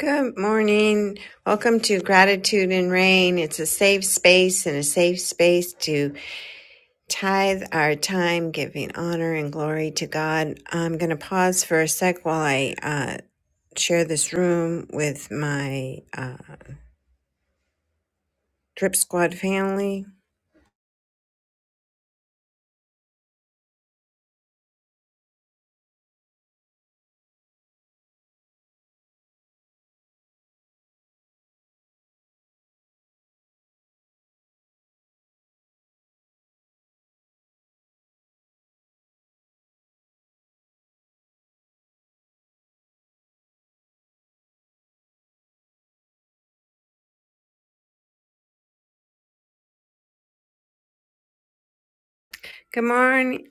Good morning. Welcome to Gratitude and Rain. It's a safe space and a safe space to tithe our time, giving honor and glory to God. I'm going to pause for a sec while I uh, share this room with my uh, Drip Squad family. Good morning.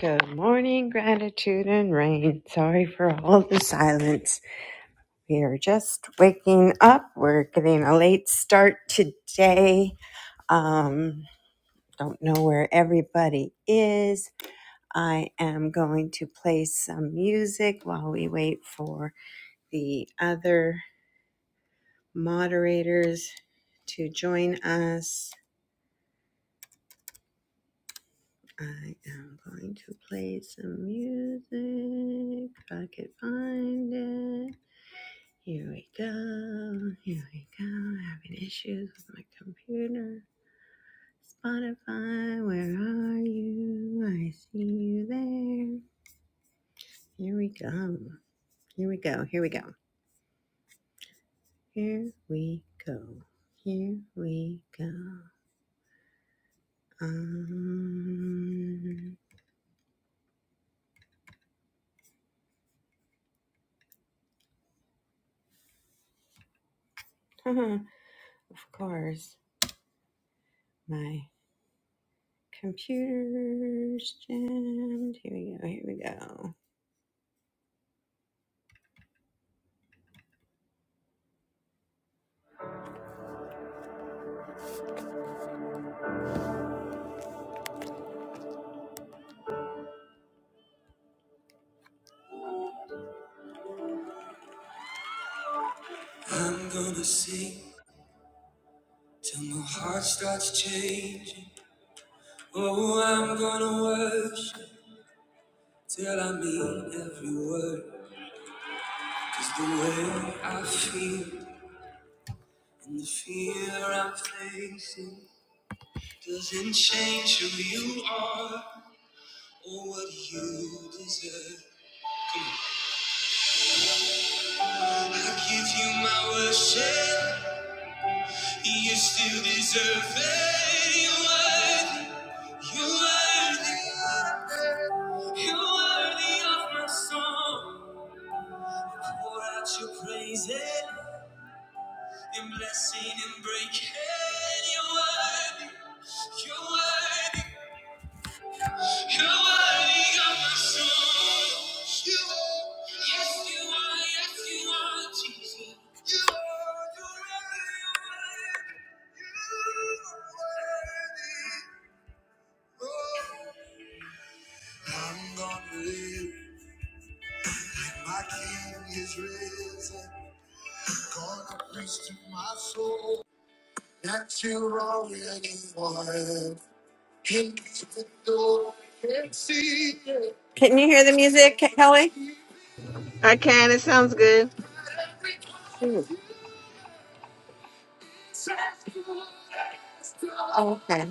Good morning, Gratitude and Rain. Sorry for all the silence. We are just waking up. We're getting a late start today. Um, don't know where everybody is. I am going to play some music while we wait for the other moderators to join us. I am going to play some music. If I could find it. Here we go. Here we go. Having issues with my computer. Spotify, where are you? I see you there. Here we go. Here we go. Here we go. Here we go. Here we go. Um, of course, my computer's jammed. Here we go. Here we go. Can you hear the music, Kelly? I can. It sounds good. Okay.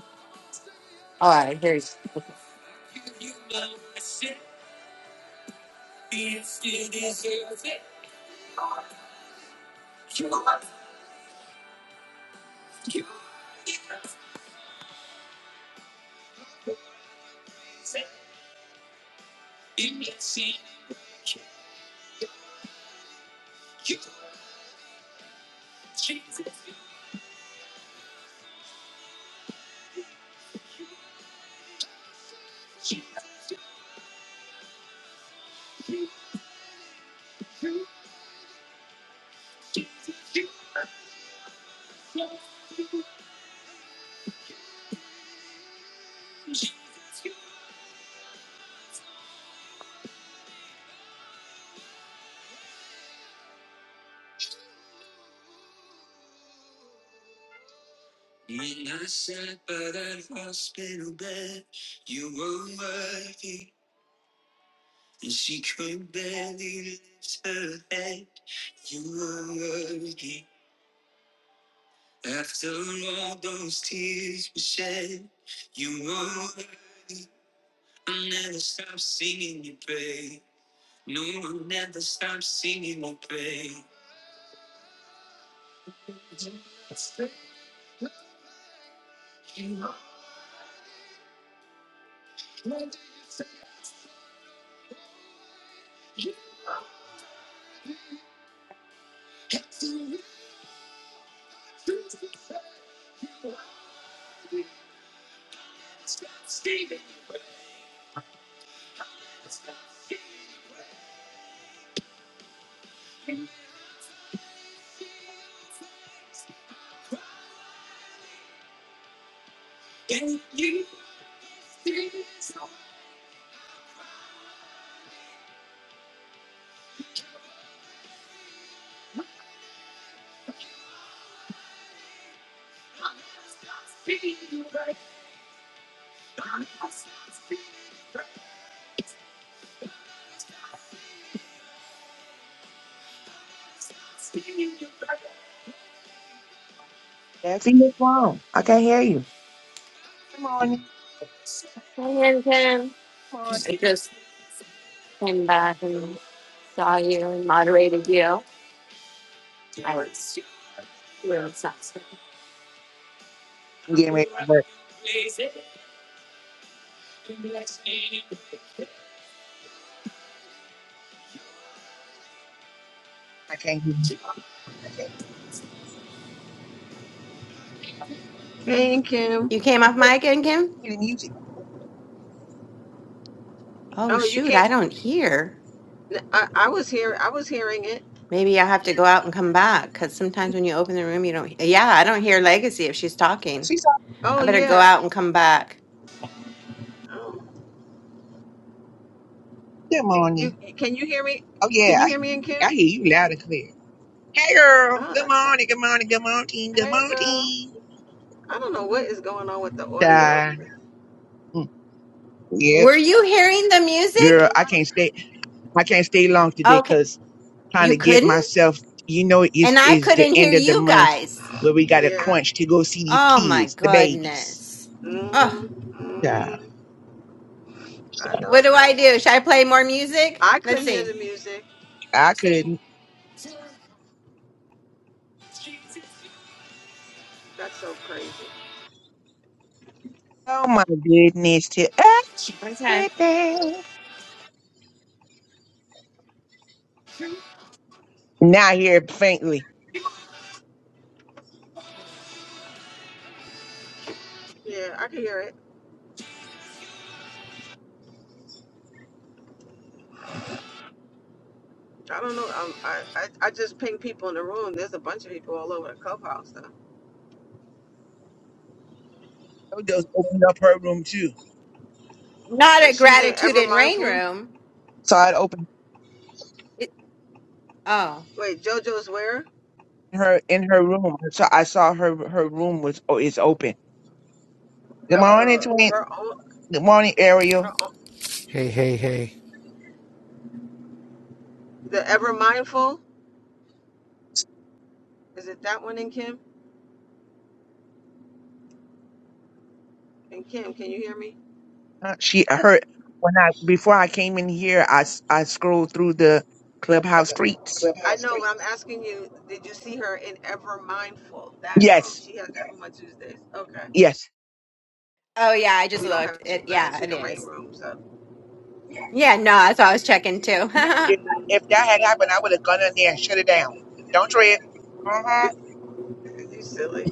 Jesse, what's wrong? I can't hear you. Good morning. And Kim Good morning. came back and saw you and moderated you. I'm getting ready for work. I can't hear you. Thank you. You came off mic and Kim? Hear the music. Oh Oh, you shoot, can't. I don't hear. I, I was here. I was hearing it. Maybe I have to go out and come back because sometimes when you open the room, you don't. Yeah, I don't hear Legacy if she's Oh, talking. She's on. I Oh better go yeah. out and come back. Oh, Good you morning. can you hear me? Oh, Can yeah. you hear me and I, I Kim? hear you loud and clear. Hey, girl. Oh, Good that's. so, morning. Good morning. Good morning. Good Hey, girl. morning. I don't know what is going on with the audio. Die. Mm, Yep. Were you hearing the And Girl, a music? I lot. can't stay. I can't stay long today Okay, because trying you to get couldn't, myself, you know, it's, and I is the didn't hear. end of the month this. where we Of, got to yeah. crunch to go see these Oh my kids, the babies. goodness. Oh, Mhm. Yeah. Mhm. So I know, would girl. it? I could let's hear the see. music. I couldn't. That's so crazy. Oh my goodness! Too. Now I hear it faintly. Yeah, I could hear it. I don't know. Um, I, I I just ping people in the room. There's a bunch of people all over the clubhouse though. Jojo opened up her room too. Not a But she's in gratitude Ever and rain Mindful. room. So I'd open It, oh, Wait, JoJo's where? her in her room. I saw, I saw her her room was oh, is open. Good morning, Uh, Twin. her own, Good morning, her Ariel. own, Hey, hey, hey. the ever mindful. Is it that one in Kim? And Kim, can you hear me? Uh, She her when I before I came in here, I s- I scrolled through the clubhouse streets. I'm asking you, did you see her in ever mindful that room? Yes, She has that room on Tuesdays. Okay, yes. oh yeah, I just we don't have looked. two It yeah, gratitude it and rain is. rooms up. Yeah, no, that's what I was checking too. No, if if that had happened, I would have gone in there and shut it down. Don't trip. Uh huh. you silly.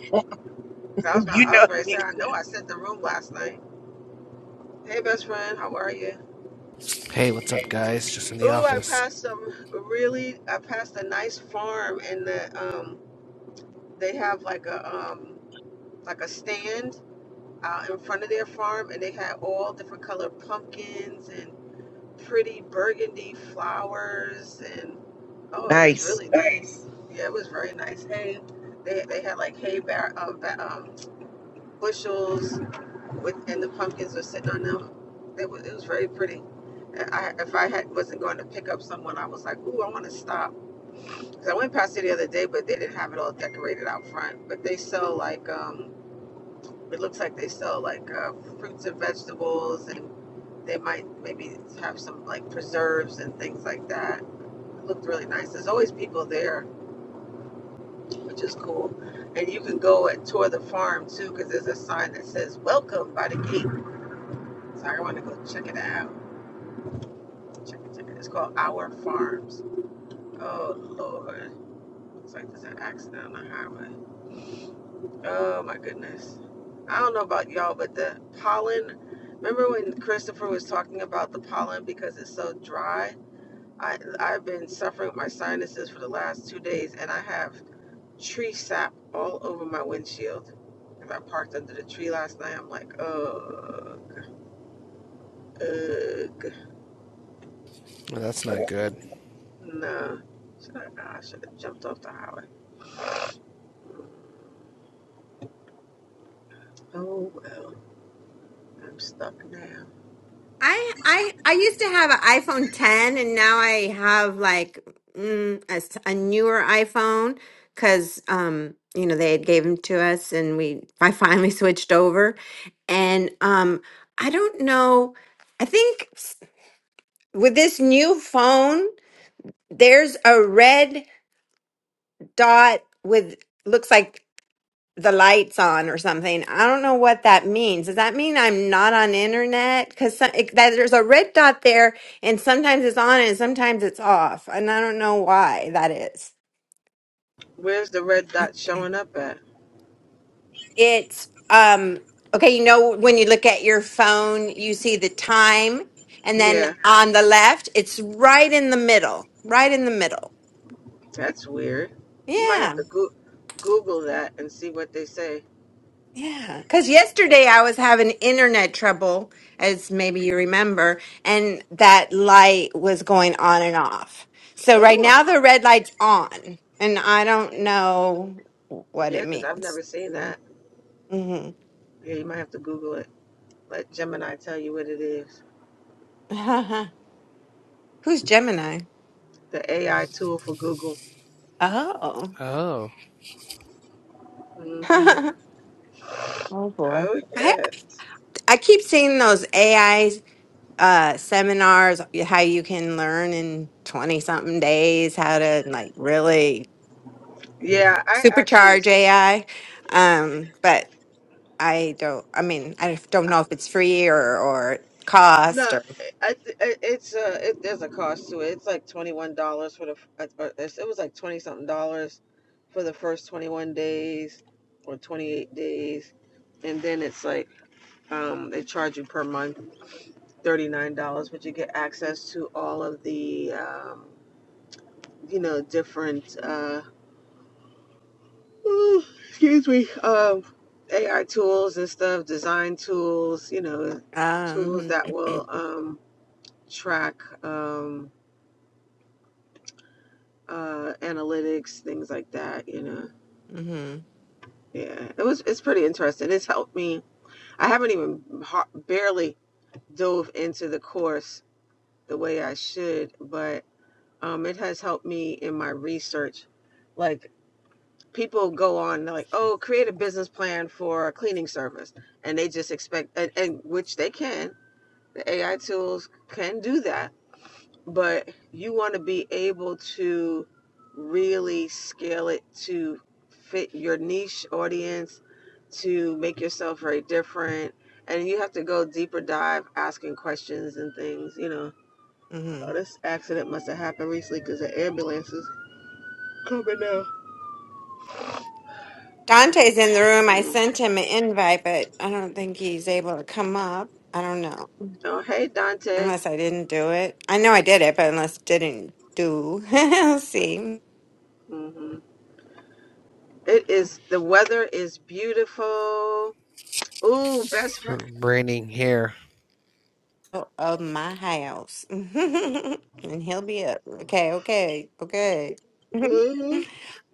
'Cause I was gonna, You I was know gonna say, me. I know I sent the room last night. Hey, best friend, how are you? Hey, what's up, guys? Just in the Ooh, I office. passed some really, I passed a nice farm, and the um, they have like a um, like a stand out in front of their farm and they had all different colored pumpkins and pretty burgundy flowers and oh it was Nice. really yeah it was very nice hay they, they had like hay bar, um, um, bushels with and the pumpkins were sitting on them it was, it was very pretty I, if I had wasn't going to pick up someone I was like ooh I want to stop because I went past it the other day but they didn't have it all decorated out front but they sell like um It looks like they sell like uh, fruits and vegetables, and they might maybe have some like preserves and things like that. It looked really nice. There's always people there, which is cool. And you can go and tour the farm too, because there's a sign that says "Welcome" by the gate. So I want to go check it out. Check it, check it. It's called Our Farms. Oh Lord, looks like there's an accident on the highway. Oh my goodness. I don't know about y'all, but the pollen. Remember when Christopher was talking about the pollen because it's so dry? I I've been suffering with my sinuses for the last two days, and I have tree sap all over my windshield. Cause I parked under the tree last night. I'm like, ugh, ugh, Well, that's not good. nah. Should I, I should have jumped off the highway. Oh well, I'm stuck now. I I I used to have an iPhone 10 and now I have like mm, a, s- a newer iPhone cuz um you know they had gave them to us and we I finally switched over and um I don't know I think s- with this new phone there's a red dot with looks like the lights on or something. I don't know what that means. Does that mean I'm not on internet? Because that there's a red dot there, and sometimes it's on and sometimes it's off, and I don't know why that is. Where's the red dot showing up at? It's um okay. You know when you look at your phone, you see the time, and Yeah. then on the left, it's right in the middle, right in the middle. That's weird. You might Yeah. have to go- Google that and see what they say. Yeah, because yesterday I was having internet trouble, as maybe you remember, and that light was going on and off. So right Oh, now the red light's on, and I don't know what yeah, it because I've means. never seen that. hmm Yeah, you might have to Google it. Let Gemini tell you what it is. Who's Gemini? The AI tool for Google. Oh, Oh, hmm Oh boy. Oh I yeah, I keep seeing those AI uh, seminars, how you can learn in twenty something days how to like really yeah. I actually Supercharge AI. Um, but I don't, I mean, I don't know if it's free or, or no. cost or, I, th- I it's uh it, there's a cost to it. It's like twenty one dollars for the. f- uh, uh, it's- It was like twenty something dollars for the first twenty one days or twenty eight days, and then it's like um they charge you per month. $39, but you get access to all of the, um, you know, different, uh, excuse me, um, AI tools and stuff, design tools, you know, tools um, that will um, track um, uh, analytics, things like that, you know. hmm Yeah, it was, it's pretty interesting. It's helped me. I haven't even har- barely dove into the course the way I should, but um, it has helped me in my research. Like, people go on they're like oh create a business plan for a cleaning service and they just expect and, and which they can the ai tools can do that but you want to be able to really scale it to fit your niche audience to make yourself very different and you have to go deeper dive asking questions and things you know hmm oh this accident must have happened recently because the ambulance is coming now Dante's in the room. I Mm. sent him an invite, but I don't think he's able to come up. I don't know. oh hey dante Unless I didn't do it. I know I did it, but unless didn't do. Let's see. Mm-hmm. It is the weather is beautiful. Ooh, best friend. raining here. of my house. And he'll be up. Okay, okay, okay. Mhm.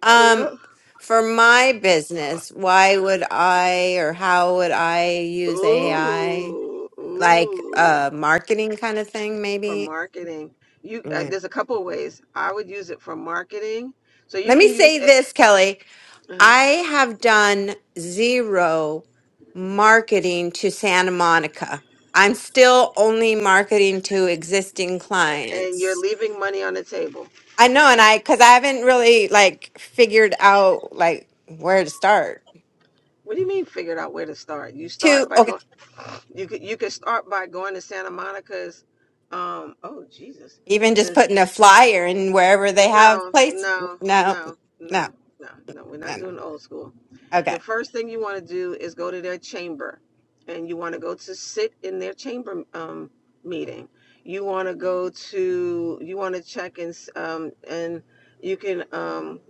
Um, yeah. for my business, why would I or how would I use AI? Ooh, Like ooh. uh marketing kind of thing, For maybe? marketing, you uh, Mm. there's a couple of ways. I would use it for marketing. So you Let me can use say it, this, Kelly. uh I have done zero marketing to Santa Monica. I'm still only marketing to existing and clients. you're leaving money on the table. I know, and I because I haven't really like figured out like where to start. What do you mean? Figured out where to start. You Two, start by okay, going. You could you could start by going to Santa Monica's. Um. Oh Jesus. even just Just putting a flyer in wherever they have no, place. no, No, no, no, no, no, no. We're no, not no. doing old school. Okay, the first thing you want to do is go to their chamber and you want to go to sit in their chamber um, meeting you want to go to you want to check and um, and you can um,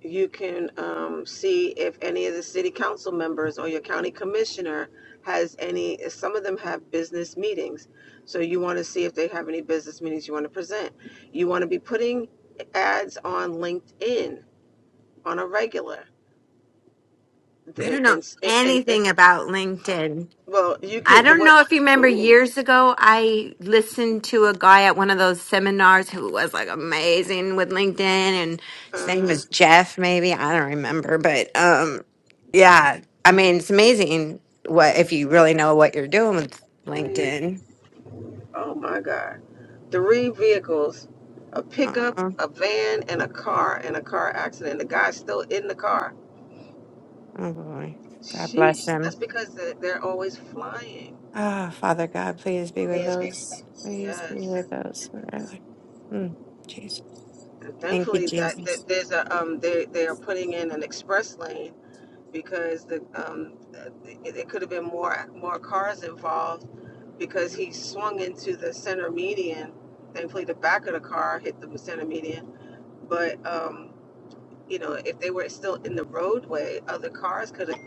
you can um, see if any of the city council members or your county commissioner has any some of them have business meetings so you want to see if they have any business meetings you want to present you want to be putting ads on linkedin on a regular I the, don't know and, s- and anything about LinkedIn. Well, you I can the don't what? know if you remember Ooh, years ago, I listened to a guy at one of those seminars who was like amazing with LinkedIn and his name uh, was Jeff, maybe. I don't remember, but um yeah, I mean, it's amazing what if you really know what you're doing with three. LinkedIn. Oh my God, three vehicles, a pickup, uh a van, and a car in a car accident. The guy's still in the car. Oh boy. God bless Sheesh. That's him. because they- they're always flying. Oh, Father God, please be with those. Please be Yes. with those. who are like- Hmm. Jeez. And Thank you, thankfully, that, Jesus. that there's a um they they are putting in an express lane because the um, it, it could have been more more cars involved because he swung into the center median. Thankfully, the back of the car hit the center median. But um, you know, if they were still in the roadway, other cars could have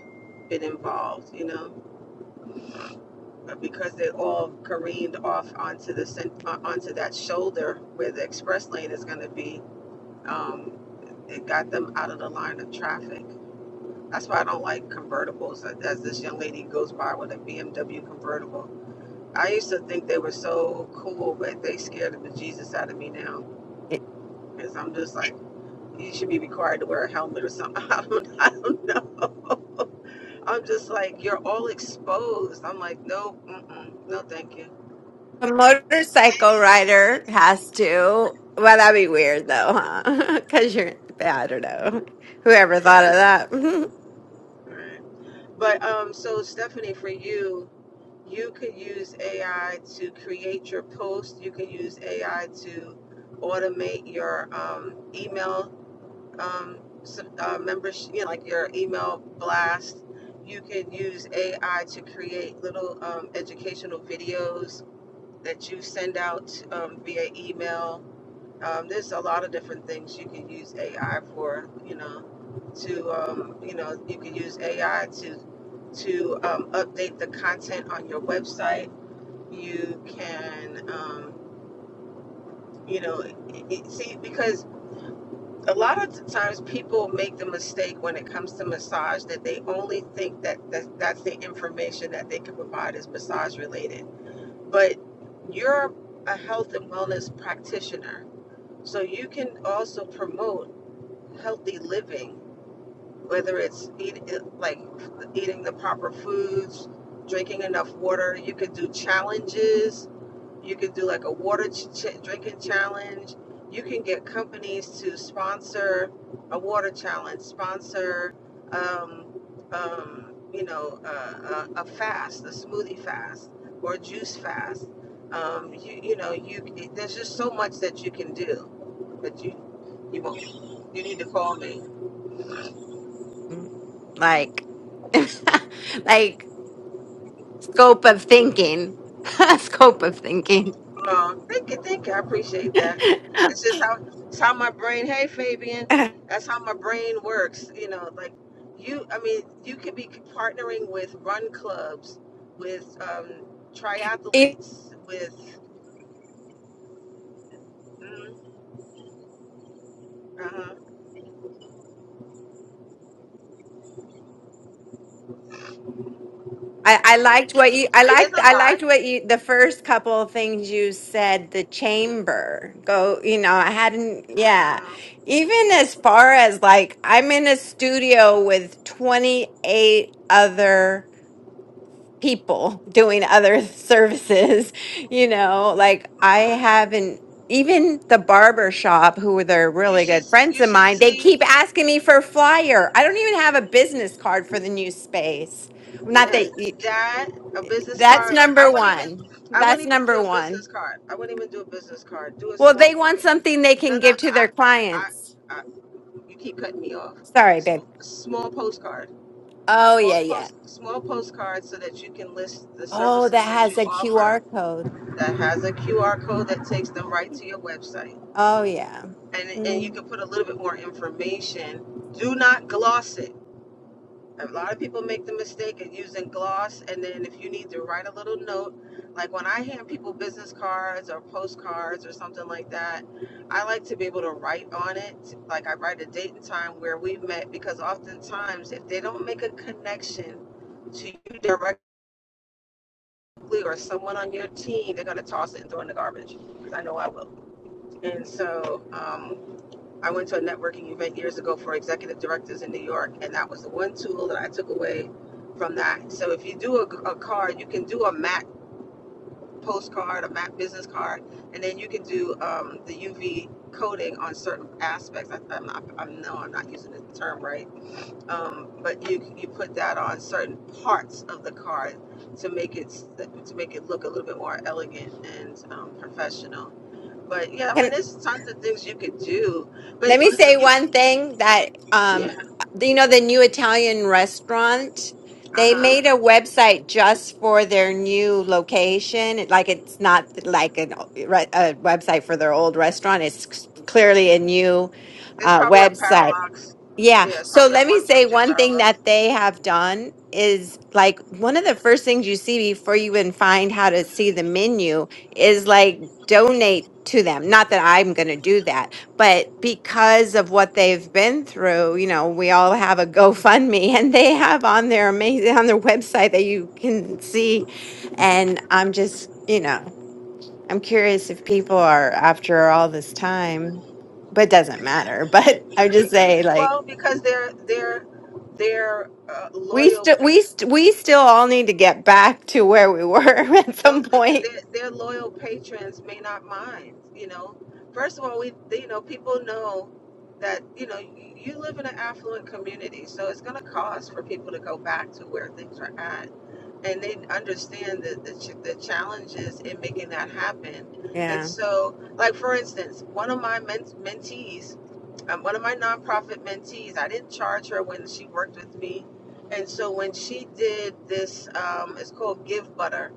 been involved. You know, but because they all careened off onto the cen- uh, onto that shoulder where the express lane is going to be. Um, it got them out of the line of traffic. That's why I don't like convertibles. Like, As this young lady goes by with a BMW convertible, I used to think they were so cool, but they scared the bejesus out of me now. Cause I'm just like, you should be required to wear a helmet or something. I don't, I don't know. I'm just like, you're all exposed. I'm like, no, mm-mm, no, thank you. A motorcycle rider has to. Well, that'd be weird though, huh? Because you're, yeah, I don't know. Whoever thought of Yeah, that? right. But um, so Stephanie, for you, you could use AI to create your post. You can use AI to automate your um, emails um, some, uh, members, you know, like your email blast. You can use AI to create little um, educational videos that you send out um, via email. Um, there's a lot of different things you can use AI for. You know, to um, you know, you can use AI to to um, update the content on your website. You can um, you know, it, it, see because a lot of times people make the mistake when it comes to massage that they only think that, that that's the information that they can provide is massage related but you're a health and wellness practitioner so you can also promote healthy living whether it's eat, like eating the proper foods drinking enough water you could do challenges you can do like a water ch- drinking challenge. You can get companies to sponsor a water challenge, sponsor, um, um, you know, uh, a, a fast, a smoothie fast or a juice fast. Um, you, you know, you there's just so much that you can do, but you you won't. You need to call me. like, like scope of thinking, scope of thinking. Oh, thank you, thank you. I appreciate that. It's just how it's how my brain. Hey, Fabian, that's how my brain works. You know, like you. I mean, you could be partnering with run clubs, with um, You triathletes, with. Mm, uh-huh. I, I liked what you I It is liked a I lot. liked what you the first couple of things you said the Mm, chamber go you know I hadn't yeah uh-huh, even as far as like I'm in a studio with 28 other people doing other services you know like I uh-huh. haven't even the barber shop who were they're You really should good friends you of should mine they keep see asking me for a flyer I don't even have a business card for the new space not Yes. that that a business that's card like I number wouldn't even one. I That's wouldn't even do number a one. business card I wouldn't even do a business card do a Well, small they want post something they No, can no, give to I, their I, clients. I you keep cutting me off. Sorry, Sm- babe. small postcard, Oh, small yeah, yeah. post, small postcard, so that you can list the Oh, that services that has you a QR offer. code. That has a QR code that takes them right to your website, Oh, yeah. and and you Mm. can put a little bit more information. Do not gloss it. a lot of people make the mistake of using gloss and then if you need to write a little note like when i hand people business cards or postcards or something like that i like to be able to write on it like i write a date and time where we met because oftentimes if they don't make a connection to you directly or someone on your team they're going to toss it and throw it in the garbage because i know i will and so um, I went to a networking event years ago for executive directors in New York, and that was the one tool that I took away from that. So if you do a, a card, you can do a MAC postcard, a MAC business card, and then you can do um, the UV coding on certain aspects. I, I'm not, I'm, no, I'm not using the term right, um, but you you put that on certain parts of the card to make it to make it look a little bit more elegant and um, professional. But yeah, I Can, mean, there's tons of things you could do, let but uh, me say you, one thing that, yeah. um, you know, the new Italian restaurant, Uh they huh. made a website just for their new location. It- Like it's not like an, o- re- a website for their old restaurant. It's c- clearly a new It's uh, probably a website. parallax. Yeah. Yeah, it's So probably a let me one say page of one thing parallax. that they have done is like one of the first things you see before you even find how to see the menu is like donate to them. Not that I'm going to do that, but because of what they've been through, you know, we all have a GoFundMe and they have on their amazing on their website that you can see and I'm just, you know, I'm curious if people are after all this time, but it doesn't matter, but I would I just mean, I say mean, like well, because they're they're they're uh, We loyal. still Pa- we st- we still all need to get back to where we were at some those their point. their loyal patrons may not mind. You know, first of all, we you know people know that you know you live in an affluent community, so it's going to cost for people to go back to where things are at and they understand the, the, ch- the challenges in making that happen. And Yeah. so, like for instance, one of my men- mentees, um, one of my nonprofit mentees, I didn't charge her when she worked with me. And so when she did this, um, it's called Give Butter.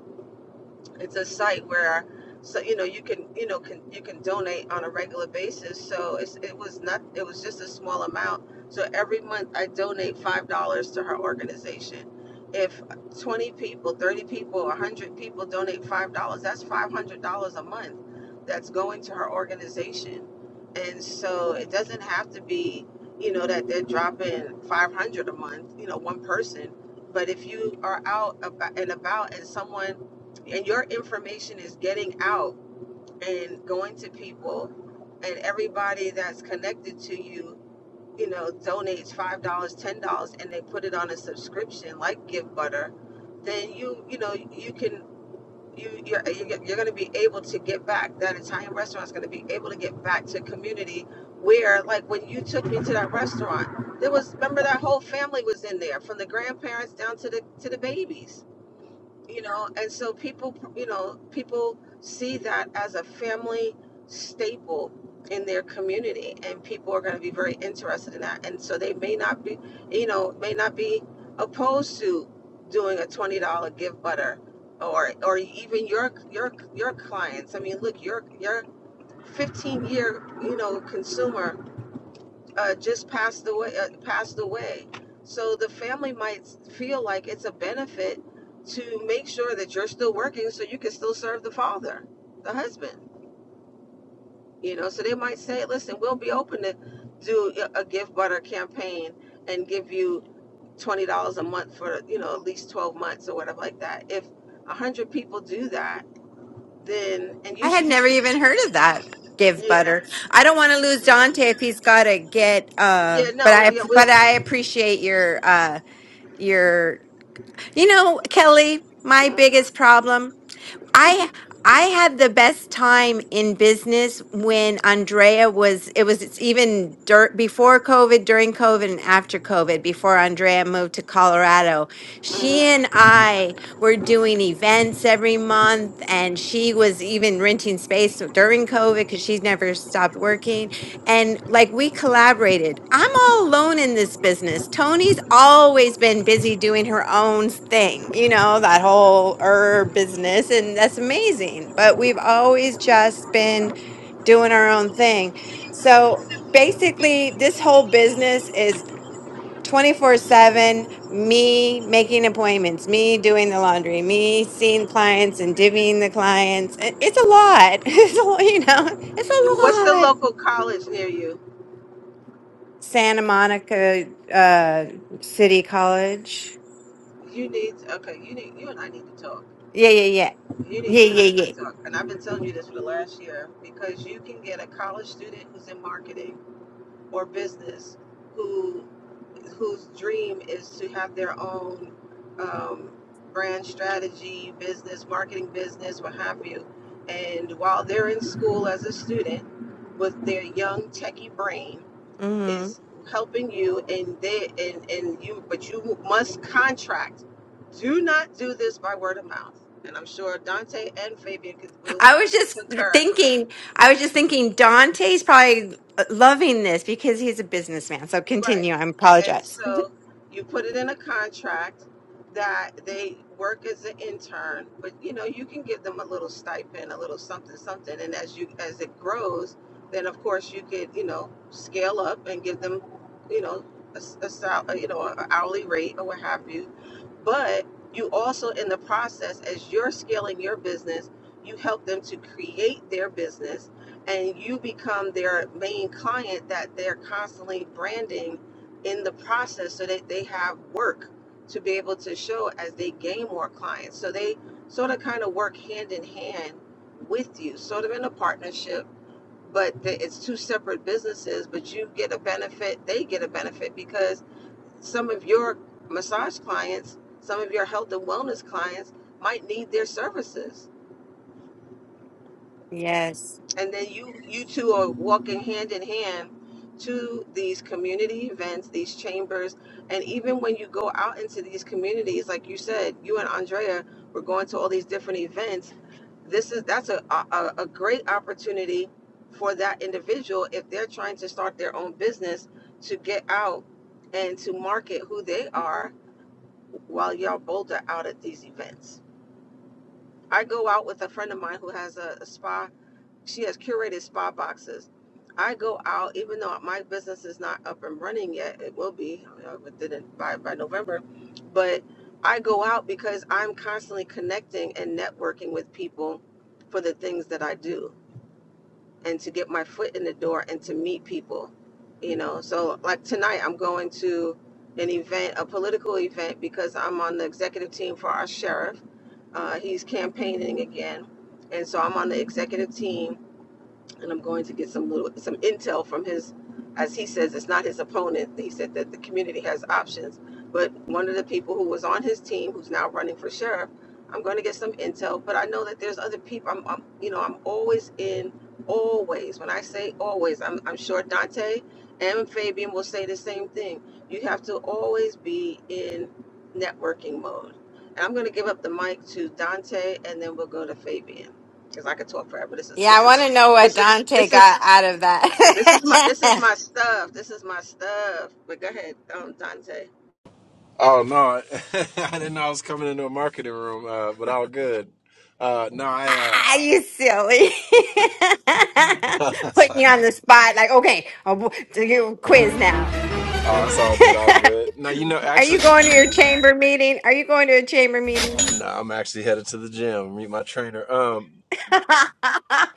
It's a site where, so you know, you can you know can you can donate on a regular basis. So it's, it was not it was just a small amount so every month I donate $5 to her organization. If 20 people, 30 people, 100 people donate $5, that's $500 a month that's going to her organization. And so it doesn't have to be, you know, that they're dropping 500 a month, you know, one person. But if you are out about and about and someone and your information is getting out and going to people and everybody that's connected to you you know, donates five dollars, ten dollars, and they put it on a subscription like Give Butter, then you you know you can you you're you're, going to be able to get back. That Italian restaurant is going to be able to get back to community where like when you took me to that restaurant, there was remember that whole family was in there from the grandparents down to the to the babies you know and so people you know people see that as a family staple in their community and people are going to be very interested in that and so they may not be you know may not be opposed to doing a $20 gift butter or or even your your your clients i mean look your your 15 year you know consumer uh, just passed away. Uh, passed away. So the family might feel like it's a benefit to make sure that you're still working, so you can still serve the father, the husband. You know, so they might say, "Listen, we'll be open to do a gift butter campaign and give you twenty dollars a month for you know at least twelve months or whatever like that." If a hundred people do that, then and I you had should be never keeping. even heard of that. Give yeah butter. I don't want to lose Dante if he's got to get uh yeah no but I yeah we. but I appreciate your uh your you know, Kelly, my mm biggest problem. I I had the best time in business when Andrea was it was it's even dur- before COVID, during COVID and after COVID, before Andrea moved to Colorado. She mm. and I were doing events every month and she was even renting space during COVID cuz she's never stopped working and like we collaborated. I'm all alone in this business. Tony's always been busy doing her own thing, you know, that whole herb business. And that's amazing. But we've always just been doing our own thing. So basically, this whole business is 24 7 me making appointments, me doing the laundry, me seeing clients and divvying the clients. It- It's a lot. It's a, you know, What's the it's local college near you? Santa Monica uh, City College. You need okay. You need you and I need to talk. Yeah, yeah, yeah, You need yeah, you and I need yeah, to yeah. talk. And I've been telling you this for the last year because you can get a college student who's in marketing or business who whose dream is to have their own um, brand strategy, business, marketing business, what have you. And while they're in school as a student with their young techie brain, hmm is helping you and they and and you but you must contract do not do this by word of mouth and i'm sure dante and fabian could, will I was just concur thinking. I was just thinking. Dante's probably uh, loving this because he's a businessman. So continue. Right. I And apologize. so you put it in a contract that they work as an intern, but you know, you can give them a little stipend, a little something, something. And as you as it grows, then of course you could, you know, scale up and give them, you know, a, s- a sal- you know, an hourly rate or what have you. But you also in the process, as you're scaling your business, you help them to create their business and you become their main client that they're constantly branding in the process so that they have work to be able to show as they gain more clients. So they sort of kind of work hand in hand with you, sort of in a partnership, but the, it's two separate businesses, but you get a benefit, they get a benefit because some of your massage clients, some of your health and wellness clients might need their services Yes. and then you you two are walking hand in hand to these community events these chambers and even when you go out into these communities like you said you and andrea were going to all these different events this is that's a, a, a great opportunity for that individual if they're trying to start their own business to get out and to market who they are while y'all both are out at these events i go out with a friend of mine who has a, a spa she has curated spa boxes. I go out, even though my business is not up and running yet. It will be you know, within by by November, but I go out because I'm constantly connecting and networking with people for the things that I do, and to get my foot in the door and to meet people. You know, so like tonight, I'm going to an event, a political event, because I'm on the executive team for our sheriff. Uh, he's campaigning again, and so I'm on the executive team and I'm going to get some little some intel from his, as he says, it's not his opponent. He said that the community has options, but one of the people who was on his team, who's now running for sheriff, I'm going to get some intel. But I know that there's other people. I'm, I'm you know, I'm always in, always. When I say always, I'm, I'm sure Dante and Fabian will say the same thing. You have to always be in networking mode. And I'm going to give up the mic to Dante, and then we'll go to Fabian because I could talk forever. This is Yeah, this I is want to know what this is Dante this is got out of this is my this is that. my stuff. This is my stuff. But go ahead, um, Dante. Oh no, I didn't know I was coming into a marketing room, uh, but all good. Uh, no, I. Uh, Ah, you silly. it's Putting you on the like, spot. Like, okay, I'll do you quiz now. oh, it's all good, all good. No, you know, Are you actually, going to your chamber meeting? Are you going to a chamber meeting? no, I'm actually headed to the gym. Meet my trainer. Um,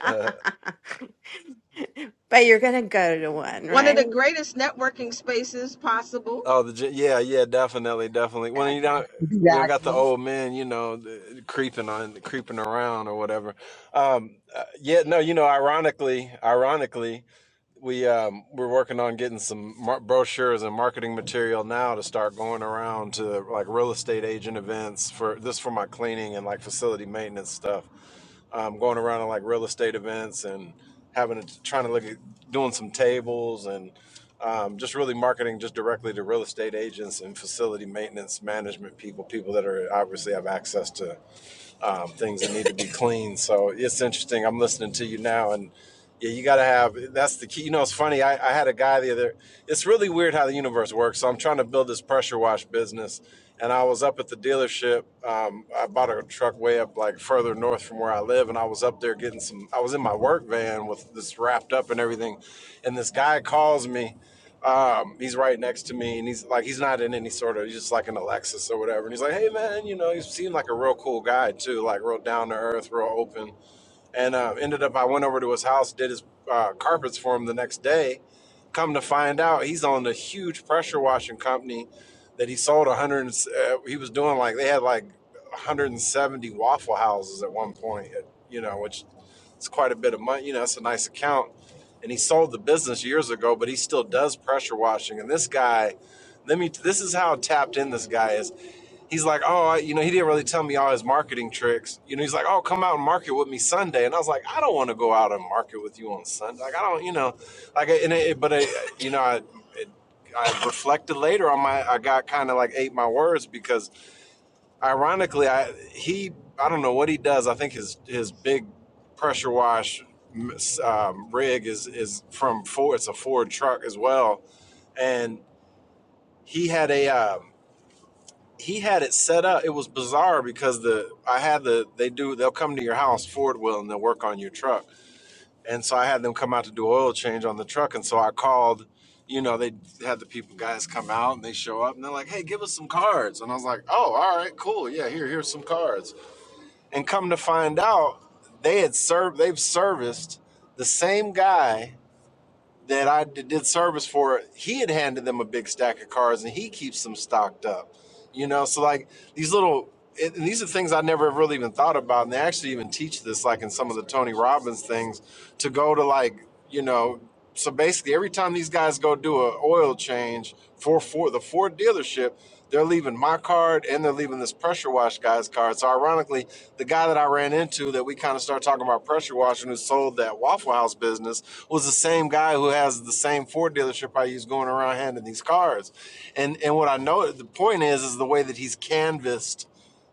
uh, But you're going to go to one, One of right? the greatest networking spaces possible. oh, the gym. Yeah, yeah, definitely, definitely. When you don't, we don't got the Exactly. old men, you know, the, creeping on, creeping around or whatever. Um, uh, yeah, no, you know, ironically, ironically. we um, we're working on getting some mar- brochures and marketing material now to start going around to like real estate agent events for this for my cleaning and like facility maintenance stuff. Um, going around to like real estate events and having to, trying to look at doing some tables and um, just really marketing just directly to real estate agents and facility maintenance management people, people that are obviously have access to um, things that need to be cleaned. So it's interesting. I'm listening to you now, and yeah, you got to have that's the key. You know, it's funny. I, I had a guy the other. It's really weird how the universe works. So I'm trying to build this pressure wash business, and I was up at the dealership. Um, I bought a truck way up like further north from where I live, and I was up there getting some. I was in my work van with this wrapped up and everything, and this guy calls me um, he's right next to me, and he's like, he's not in any sort of, he's just like an Alexis or whatever. And he's like, hey man, you know, he seemed like a real cool guy too, like real down to earth, real open and uh, ended up I went over to his house, did his uh, carpets for him the next day. Come to find out, he's on a huge pressure washing company that he sold one hundred. Uh, he was doing like they had like 170 Waffle Houses at one point, you know, which is quite a bit of money. You know, it's a nice account. And he sold the business years ago, but he still does pressure washing. And this guy, let me. This is how tapped in this guy is he's like, oh, I- you know, he didn't really tell me all his marketing tricks. You know, he's like, oh, come out and market with me Sunday, and I was like, I don't want to go out and market with you on Sunday. Like, I don't, you know, like, and it, but it, you know, I, it, I reflected later on my, I got kind of like ate my words because, ironically, I he, I don't know what he does. I think his his big pressure wash um, rig is is from Ford. It's a Ford truck as well, and he had a. Um, he had it set up. It was bizarre because the I had the they do they'll come to your house, Ford will, and they'll work on your truck. And so I had them come out to do oil change on the truck. And so I called, you know, they had the people guys come out and they show up and they're like, "Hey, give us some cards." And I was like, "Oh, all right, cool, yeah, here, here's some cards." And come to find out, they had served, they've serviced the same guy that I did service for, he had handed them a big stack of cards and he keeps them stocked up. You know, so like these little, it, and these are things I never really even thought about. And they actually even teach this, like in some of the Tony Robbins things, to go to like, you know, so basically every time these guys go do a oil change for Ford, the Ford dealership, they're leaving my card and they're leaving this pressure wash guy's card. So ironically, the guy that I ran into that we kind of started talking about pressure washing who sold that Waffle House business was the same guy who has the same Ford dealership I use going around handing these cards. And and what I know the point is is the way that he's canvassed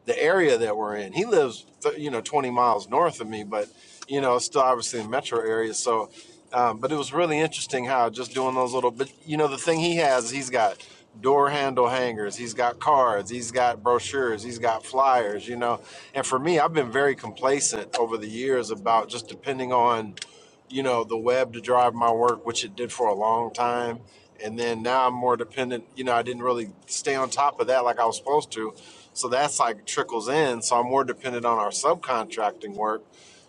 the area that we're in. He lives, th- you know, 20 miles north of me, but you know, it's still obviously in metro area. So, um, but it was really interesting how just doing those little. But you know, the thing he has, he's got door handle hangers, he's got cards, he's got brochures, he's got flyers. You know, and for me, I've been very complacent over the years about just depending on you know the web to drive my work which it did for a long time and then now i'm more dependent you know i didn't really stay on top of that like i was supposed to so that's like trickles in so i'm more dependent on our subcontracting work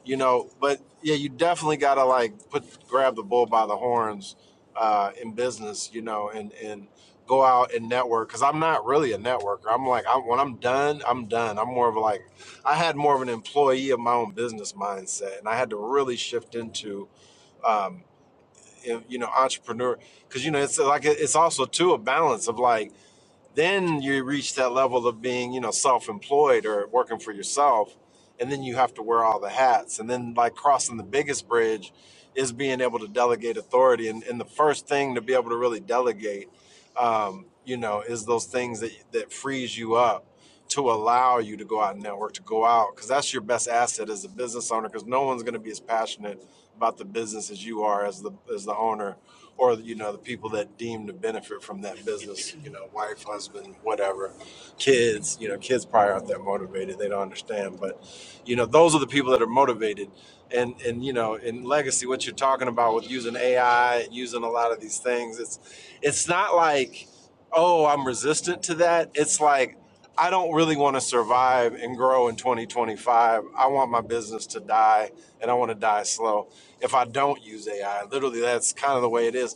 you know but yeah you definitely gotta like put grab the bull by the horns uh, in business you know and and go out and network because i'm not really a networker i'm like I, when i'm done i'm done i'm more of like i had more of an employee of my own business mindset and i had to really shift into um, if, you know, entrepreneur, because you know, it's like it's also too a balance of like then you reach that level of being, you know, self-employed or working for yourself, and then you have to wear all the hats. And then like crossing the biggest bridge is being able to delegate authority. And, and the first thing to be able to really delegate, um, you know, is those things that that frees you up to allow you to go out and network, to go out, because that's your best asset as a business owner. Because no one's going to be as passionate about the business as you are as the as the owner or you know the people that deem to benefit from that business you know wife husband whatever kids you know kids probably aren't that motivated they don't understand but you know those are the people that are motivated and and you know in legacy what you're talking about with using ai using a lot of these things it's it's not like oh i'm resistant to that it's like i don't really want to survive and grow in 2025 i want my business to die and i want to die slow if I don't use AI. Literally, that's kind of the way it is.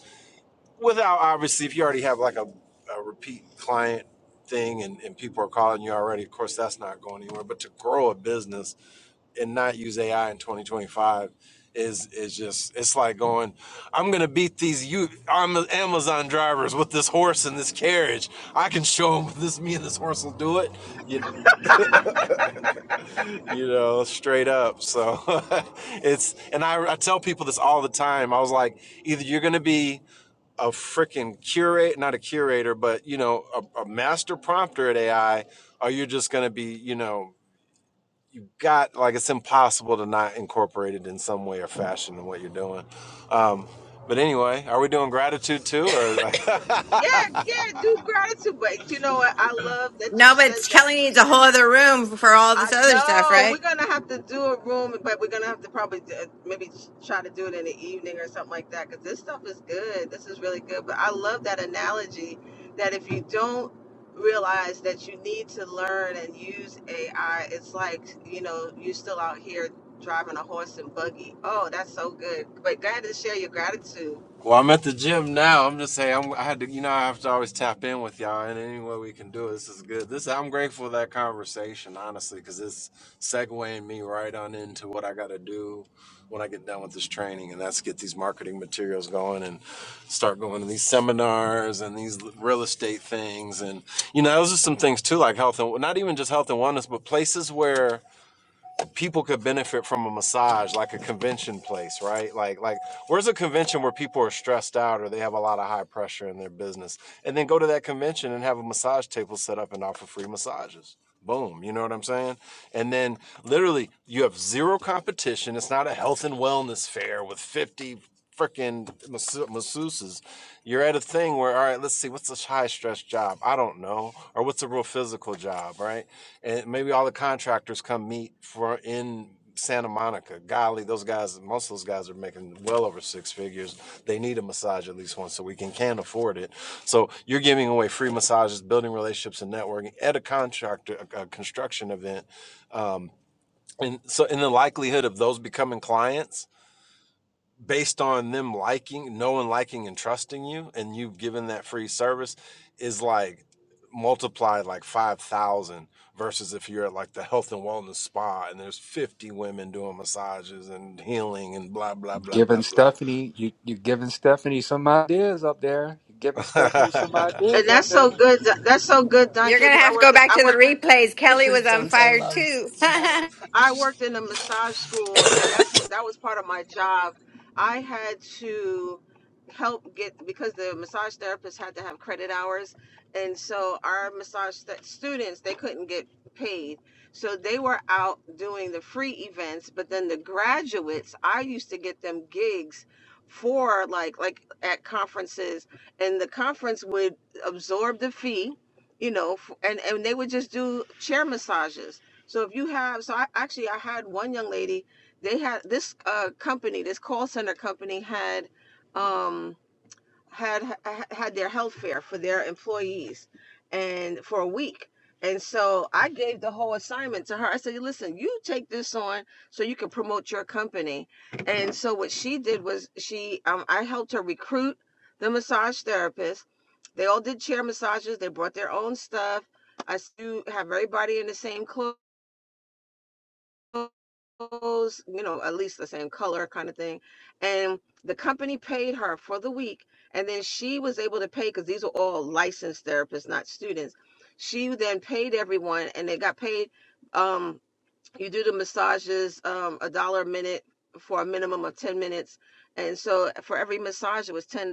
Without obviously, if you already have like a, a repeat client thing and, and people are calling you already, of course, that's not going anywhere. But to grow a business and not use AI in 2025 is is just it's like going i'm gonna beat these you amazon drivers with this horse and this carriage i can show them this me and this horse will do it You. know, you know, straight up. So it's, and I, I tell people this all the time. I was like, either you're going to be a freaking curate, not a curator, but, you know, a, a master prompter at AI, or you're just going to be, you know, you got like it's impossible to not incorporate it in some way or fashion in what you're doing. Um, but anyway, are we doing gratitude too, or like, Yeah, yeah, do gratitude. But you know what? I love that you No, but said that Kelly needs a whole other room for all this I other stuff, know we're right? gonna have to do a room, but we're gonna have to probably do, maybe try to do it in the evening or something like that. Because this stuff is good. This is really good. But I love that analogy that if you don't realize that you need to learn and use AI, it's like you know you're still out here driving a horse and buggy. Oh, that's so good. But glad to share your gratitude. Well, I'm at the gym now. I'm just saying, I'm, I had to, you know, I have to always tap in with y'all in any way we can do it. This is good. This I'm grateful for that conversation, honestly, because it's segueing me right on into what I got to do when I get done with this training, and that's get these marketing materials going and start going to these seminars and these real estate things, and you know, those are some things too, like health and not even just health and wellness, but places where people could benefit from a massage, like a convention place, right? Like, like where's a convention where people are stressed out or they have a lot of high pressure in their business, and then go to that convention and have a massage table set up and offer free massages. Boom, you know what I'm saying? And then literally, you have zero competition. It's not a health and wellness fair with 50 freaking masseuses. You're at a thing where, all right, let's see, what's a high stress job? I don't know. Or what's a real physical job, right? And maybe all the contractors come meet for in Santa Monica. Golly, those guys, most of those guys are making well over six figures. They need a massage at least once a week and can afford it. So you're giving away free massages, building relationships and networking at a contractor, a, a construction event. And so in the likelihood of those becoming clients, based on them liking, knowing, liking, and trusting you, and you've given that free service is like multiplied like 5,000 versus if you're at like the health and wellness spa and there's 50 women doing massages and healing and blah, blah, blah, blah, Giving blah. Stephanie, you you giving Stephanie some ideas up there. You giving Stephanie some ideas And up that's there. so good. That's so good, You're Dante. going to Because I have to go worked. back I to the worked. replays. Kelly was on fire too. I worked in a massage school, and that's what that was part of my job. I had to help get because the massage therapists had to have credit hours, and so our massage st- students they couldn't get paid, so they were out doing the free events. But then the graduates, I used to get them gigs for like like at conferences, and the conference would absorb the fee, you know, f- and and they would just do chair massages so if you have, so I actually I had one young lady. They had this uh, company, this call center company had um, had ha- had their health fair for their employees, and for a week. And so I gave the whole assignment to her. I said, "Listen, you take this on so you can promote your company." And so what she did was she um, I helped her recruit the massage therapist. They all did chair massages. They brought their own stuff. I s- you have everybody in the same clothes clothes, you know, at least the same color kind of thing. And the company paid her for the week. And then she was able to pay because these are all licensed therapists, not students. She then paid everyone and they got paid. um you do the massages um a dollar a minute for a minimum of 10 minutes and so for every massage it was $10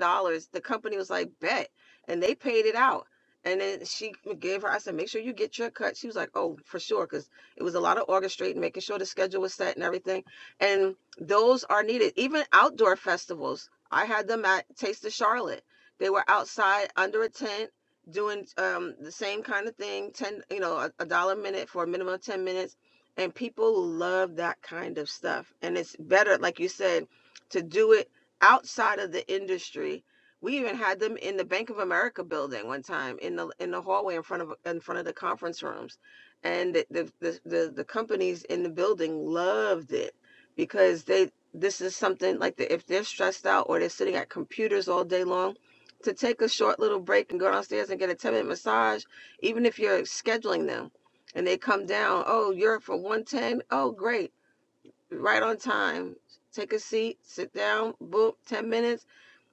the company was like bet and they paid it out and then she gave her i said make sure you get your cut she was like oh for sure because it was a lot of orchestrating making sure the schedule was set and everything and those are needed even outdoor festivals i had them at taste of charlotte they were outside under a tent doing um, the same kind of thing 10 you know a, a dollar a minute for a minimum of 10 minutes and people love that kind of stuff and it's better like you said to do it outside of the industry we even had them in the bank of america building one time in the in the hallway in front of in front of the conference rooms and the the the, the, the companies in the building loved it because they this is something like the, if they're stressed out or they're sitting at computers all day long to take a short little break and go downstairs and get a 10 minute massage even if you're scheduling them and they come down. Oh, you're from 110. Oh, great. Right on time. Take a seat, sit down, boom, 10 minutes.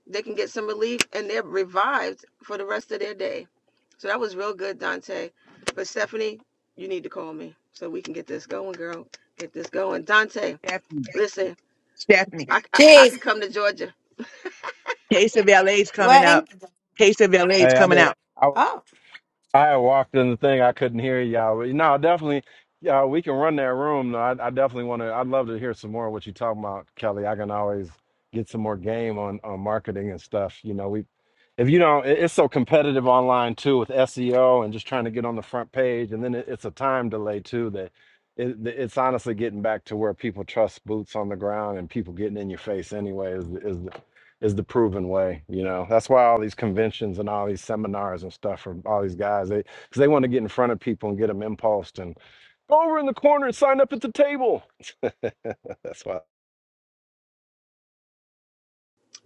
They can get some relief and they're revived for the rest of their day. So that was real good, Dante. But Stephanie, you need to call me so we can get this going, girl. Get this going. Dante, Stephanie. listen, Stephanie. I, I, I Jeez. could come to Georgia. Taste of LA is coming What? out. in- Taste of LA is Hey, I coming did. out. I, oh, I walked in the thing. I couldn't hear y'all. But, No, definitely. Yeah, we can run that room. No, I, I definitely want to. I'd love to hear some more of what you're talking about, Kelly. I can always get some more game on on marketing and stuff. You know, we if you don't, it- it's so competitive online too with SEO and just trying to get on the front page, and then it, it's a time delay too that. It, it's honestly getting back to where people trust boots on the ground and people getting in your face anyway is, is is the proven way. You know, that's why all these conventions and all these seminars and stuff for all these guys, they because they want to get in front of people and get them impulsed and go over in the corner and sign up at the table. That's why.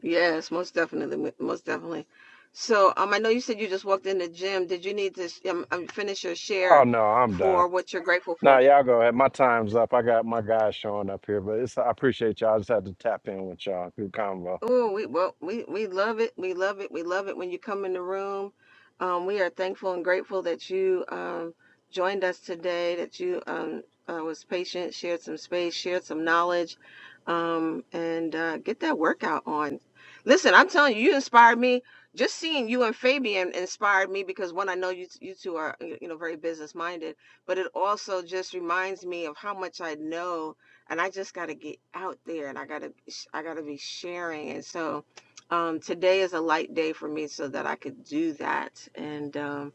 Yes, most definitely. Most definitely. So um, I know you said you just walked in the gym. Did you need to um, um, finish your Oh share no, I'm done. for what you're grateful Nah, for? y'all go ahead. My time's up. I got my guys showing up here, but it's I appreciate y'all. I just had to tap in with y'all through convo. Oh, we well, we we love it. We love it. We love it when you come in the room. Um, we are thankful and grateful that you um, joined us today. That you um, uh, was patient, shared some space, shared some knowledge, um, and uh, get that workout on. Listen, I'm telling you, you inspired me. Just seeing you and Fabian inspired me because one, I know you you two are you know very business minded, but it also just reminds me of how much I know and I just got to get out there and I got to I got to be sharing and so um, today is a light day for me so that I could do that and um,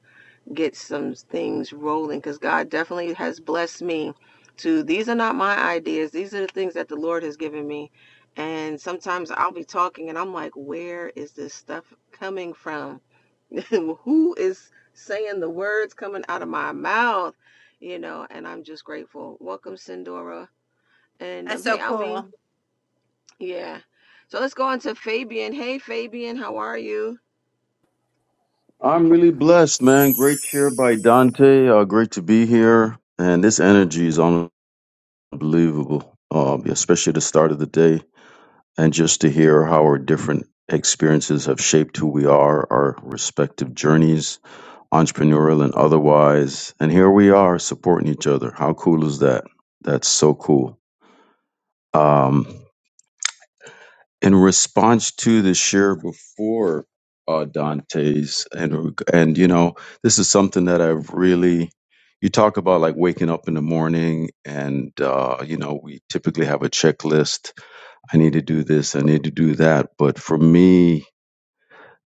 get some things rolling because God definitely has blessed me to these are not my ideas these are the things that the Lord has given me and sometimes I'll be talking and I'm like where is this stuff coming from who is saying the words coming out of my mouth you know and I'm just grateful welcome Sindora and That's um, so hey, Almin. cool. Yeah. So let's go on to Fabian. Hey, Fabian, how are you? I'm really blessed, man. Great cheer by Dante. Uh, great to be here. And this energy is unbelievable, um, especially at the start of the day. And just to hear how our different experiences have shaped who we are, our respective journeys, entrepreneurial and otherwise. And here we are supporting each other. How cool is that? That's so cool. Um, in response to the share before uh, Dante's, and and you know, this is something that I've really. You talk about like waking up in the morning, and uh, you know, we typically have a checklist. I need to do this. I need to do that. But for me,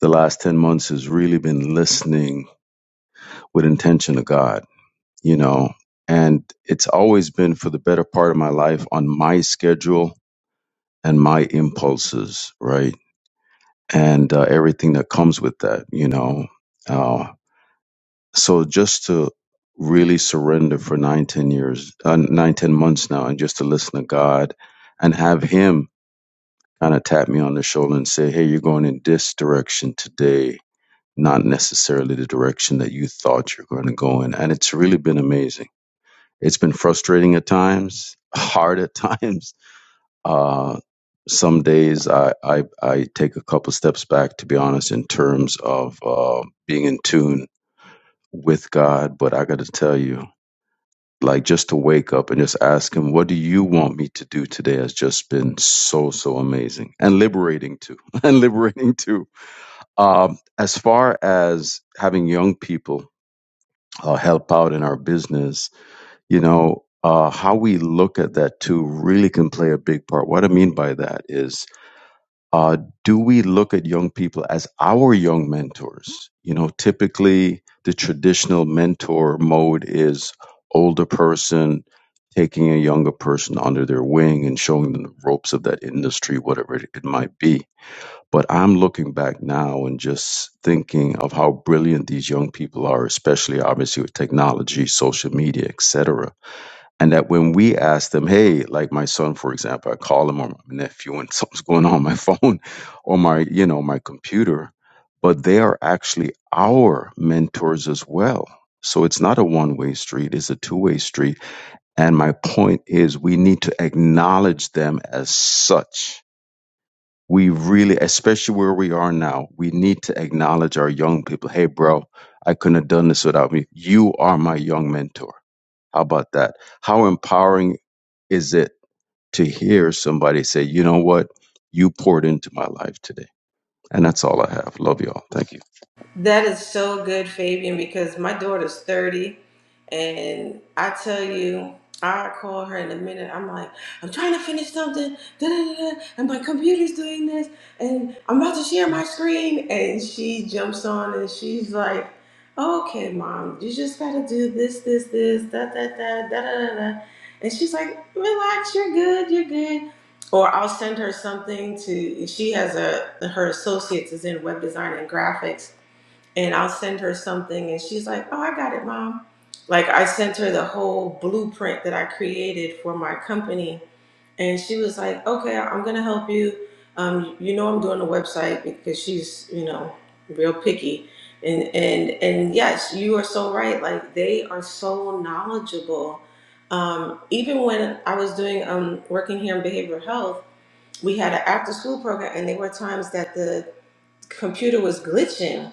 the last ten months has really been listening with intention to God. You know, and it's always been for the better part of my life on my schedule and my impulses, right? and uh, everything that comes with that, you know. Uh, so just to really surrender for nine, ten years, uh, nine, ten months now, and just to listen to God and have Him kind of tap me on the shoulder and say, "Hey, you're going in this direction today, not necessarily the direction that you thought you're going to go in." And it's really been amazing. It's been frustrating at times, hard at times, uh, some days I, I I take a couple steps back, to be honest, in terms of uh, being in tune with God. But I got to tell you, like just to wake up and just ask Him, "What do you want me to do today?" has just been so so amazing and liberating too, and liberating too. Um, as far as having young people uh, help out in our business, you know. Uh, how we look at that too really can play a big part. What I mean by that is uh, do we look at young people as our young mentors? You know, typically the traditional mentor mode is older person taking a younger person under their wing and showing them the ropes of that industry, whatever it it might be. But I'm looking back now and just thinking of how brilliant these young people are, especially obviously with technology, social media, etc and that when we ask them, hey, like my son, for example, I call him or my nephew and something's going on, on my phone or my, you know, my computer, but they are actually our mentors as well. So it's not a one way street, it's a two way street. And my point is we need to acknowledge them as such we really, especially where we are now, we need to acknowledge our young people. Hey, bro, I couldn't have done this without me. You are my young mentor. How about that? How empowering is it to hear somebody say, you know what? You poured into my life today. And that's all I have. Love y'all. Thank you. That is so good, Fabian, because my daughter's 30, and I tell you, I da, da, da, da, and like, okay, mom, da, da, da, da, da, da, da. and she's like, Mitch, you're good, or something to her next, and thing, and she's like, got it, mom. Like I sent her the whole blueprint that I created for my company and she was like, "Okay, I'm gonna help you. Um, you know, I'm doing a website because she's, you know, real picky." And and and yes, you are so right. Like they are so knowledgeable. Um, even when I was doing um, working here in behavioral health, we had an after school program, and there were times that the computer was glitching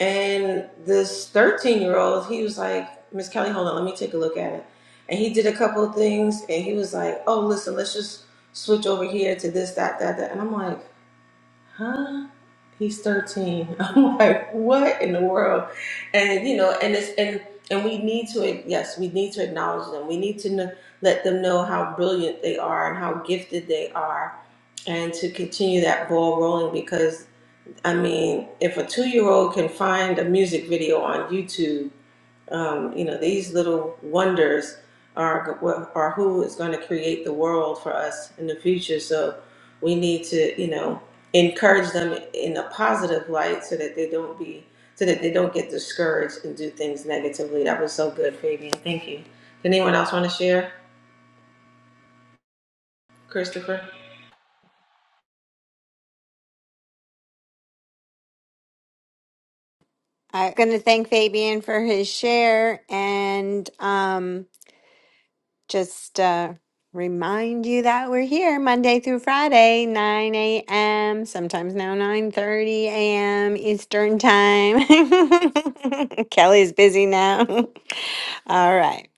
and this 13 year old, he was like, Miss Kelly, hold on, let me take a look at it. And he did a couple of things and he was like, oh, listen, let's just switch over here to this, that, that, that. And I'm like, huh? He's 13. I'm like, what in the world? And, you know, and it's, and, and we need to, yes, we need to acknowledge them. We need to know, let them know how brilliant they are and how gifted they are and to continue that ball rolling because. I mean, if a two year old can find a music video on YouTube, um, you know, these little wonders are, are who is going to create the world for us in the future. So we need to, you know, encourage them in a positive light so that they don't be, so that they don't get discouraged and do things negatively. That was so good, Fabian. Thank you. Did anyone else want to share, Christopher? I'm going to thank Fabian for his share and um Just uh, remind you that we're here Monday through Friday, 9 a.m., sometimes now 9.30 a.m. Eastern Time. Kelly's busy now. All right.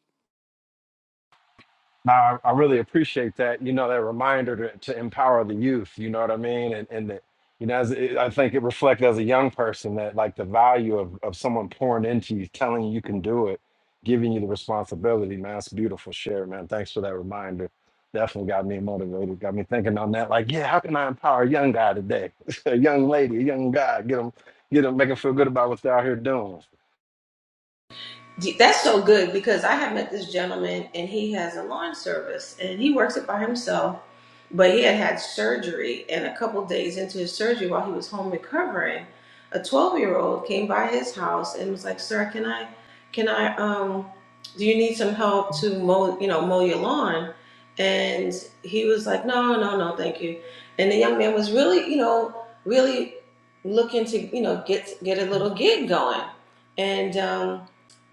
Now I, I really appreciate that. You know, that reminder to, to empower the youth. You know what I mean? And and that you know, as it, I think it reflects as a young person that like the value of of someone pouring into you, telling you you can do it, giving you the responsibility. Man, that's beautiful. Share, man. Thanks for that reminder. Definitely got me motivated. Got me thinking on that. Like, yeah, how can I empower a young guy today? a young lady, a young guy. Get them, get them, make them feel good about what they're out here doing. That's so good because I have met this gentleman and he has a lawn service and he works it by himself, but he had had surgery and a couple days into his surgery while he was home recovering, a 12 year old came by his house and was like, "Sir, can I, can I, um, do you need some help to mow, you know, mow your lawn?" And he was like, "No, no, no, thank you." And the young man was really, you know, really looking to, you know, get get a little gig going, and um,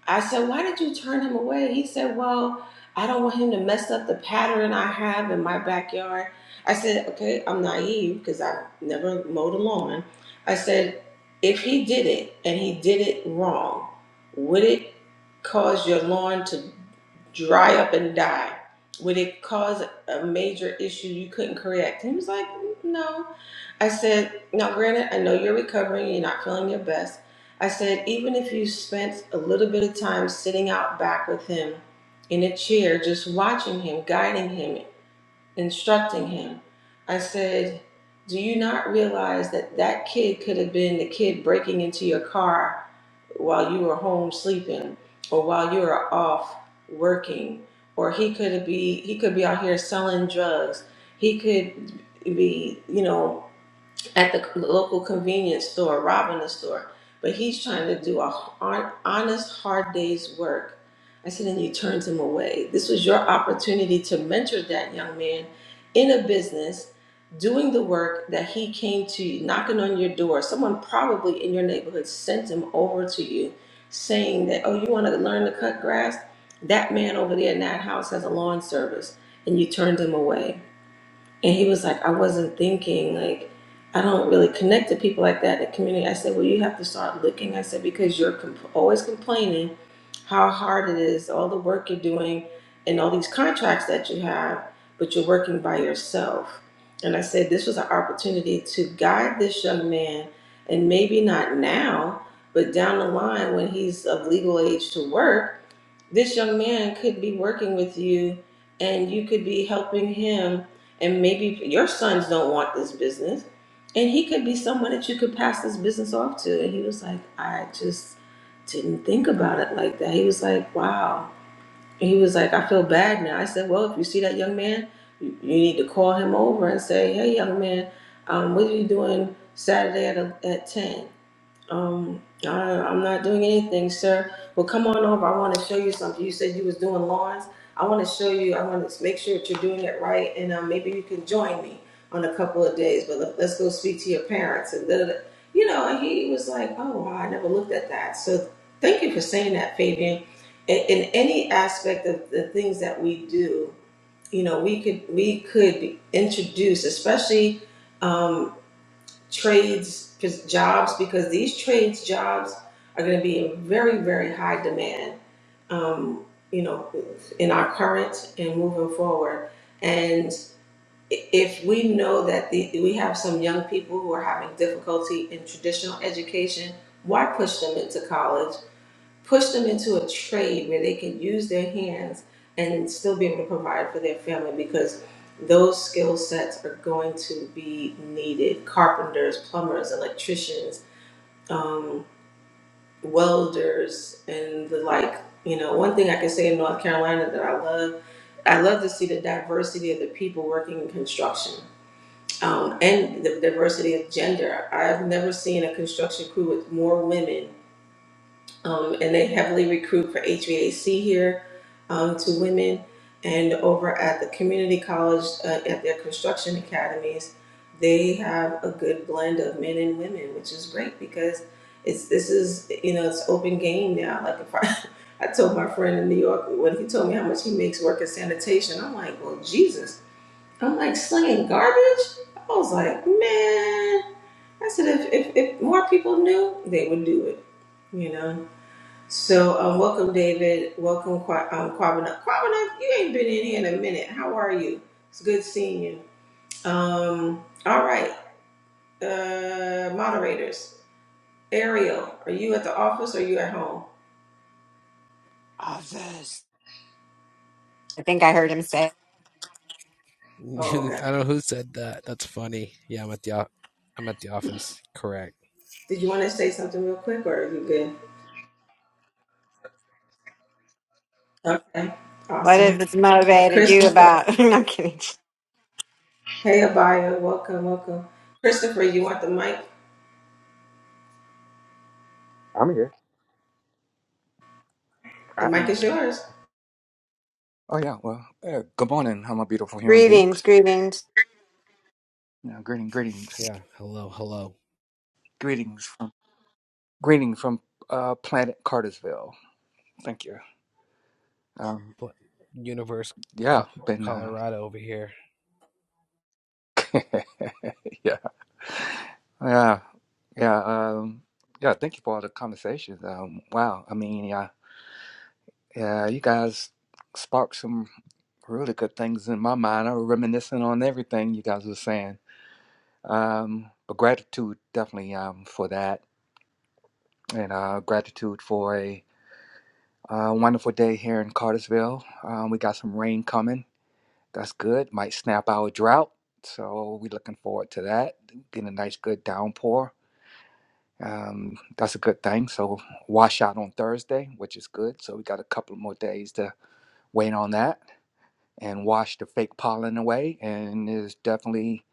I said, Why did you turn him away? He said, Well, I don't want him to mess up the pattern I have in my backyard. I said, Okay, I'm naive because I never mowed a lawn. I said, If he did it and he did it wrong, would it cause your lawn to dry up and die? Would it cause a major issue you couldn't correct? He was like, "Mm, No. I said, Now, granted, I know you're recovering, you're not feeling your best. I said, even if you spent a little bit of time sitting out back with him in a chair, just watching him, guiding him, instructing him, I said, do you not realize that that kid could have been the kid breaking into your car while you were home sleeping or while you were off working or he could be he could be out here selling drugs he could be you know at the local convenience store, robbing the store. But he's trying to do a hon- honest, hard day's work. I said, and you turned him away. This was your opportunity to mentor that young man in a business, doing the work that he came to you, knocking on your door. Someone probably in your neighborhood sent him over to you saying that, oh, you want to learn to cut grass? That man over there in that house has a lawn service. And you turned him away and he was like, I wasn't thinking, like, I don't really connect to people like that in the community. I said, Well, you have to start looking. I said, Because you're comp- always complaining how hard it is, all the work you're doing, and all these contracts that you have, but you're working by yourself. And I said, This was an opportunity to guide this young man, and maybe not now, but down the line when he's of legal age to work this young man could be working with you and you could be helping him and maybe your sons don't want this business and he could be someone that you could pass this business off to and he was like i just didn't think about it like that he was like wow and he was like i feel bad now i said well if you see that young man you, you need to call him over and say hey young man um, what are you doing saturday at, uh, at 10 um, I, I'm not doing anything, sir. Well, come on over. I want to show you something. You said you was doing lawns. I want to show you. I want to make sure that you're doing it right, and um, maybe you can join me on a couple of days. But let, let's go speak to your parents and da, da, da. you know. And he was like, "Oh, wow, I never looked at that." So thank you for saying that, Fabian. In, in any aspect of the things that we do, you know, we could we could be introduced, especially. Um, trades jobs because these trades jobs are going to be in very very high demand um, you know in our current and moving forward and if we know that the, we have some young people who are having difficulty in traditional education why push them into college push them into a trade where they can use their hands and still be able to provide for their family because those skill sets are going to be needed carpenters plumbers electricians um, welders and the like you know one thing i can say in north carolina that i love i love to see the diversity of the people working in construction um, and the diversity of gender i've never seen a construction crew with more women um, and they heavily recruit for HVAC here um, to women. And over at the community college, uh, at their construction academies, they have a good blend of men and women, which is great because it's this is you know it's open game now. Like if I, I told my friend in New York when he told me how much he makes work in sanitation, I'm like, well, Jesus, I'm like slinging garbage. I was like, man, I said if if, if more people knew, they would do it, you know. So, um, welcome, David. Welcome, Qua- um, Quabana. Quabana, you ain't been in here in a minute. How are you? It's good seeing you. Um, all right, uh, moderators. Ariel, are you at the office or you at home? Others. I think I heard him say, I Oh, okay. don't know who said that. That's funny. Yeah, I'm at the o- I'm at the office. Correct. Did you want to say something real quick or are you good? Okay, What has awesome. this motivated you Christopher. about? I'm kidding. Hey, Abaya. Welcome, welcome. Christopher, you want the mic? I'm here. I The mic am is here. yours. Oh yeah. Well, uh, good morning, how my beautiful human Greetings, beings. greetings. Now, greeting, greetings, Yeah. Hello, hello. greetings from greetings from uh, planet Cartersville. Thank you. Um, What universe yeah, Co- been uh, Colorado over here. yeah, yeah, yeah. Um, yeah. Thank you for all the conversations. Um, wow. I mean, yeah. Yeah, you guys sparked some really good things in my mind. I was reminiscing on everything you guys were saying. Um, but gratitude definitely um, for that, and uh, gratitude for a uh, wonderful day here in Cartersville. Um, we got some rain coming. That's good. Might snap our drought, so we're looking forward to that. Getting a nice good downpour. Um, that's a good thing. So wash out on Thursday, which is good. So we got a couple more days to wait on that. and wash the fake pollen away. And it's definitely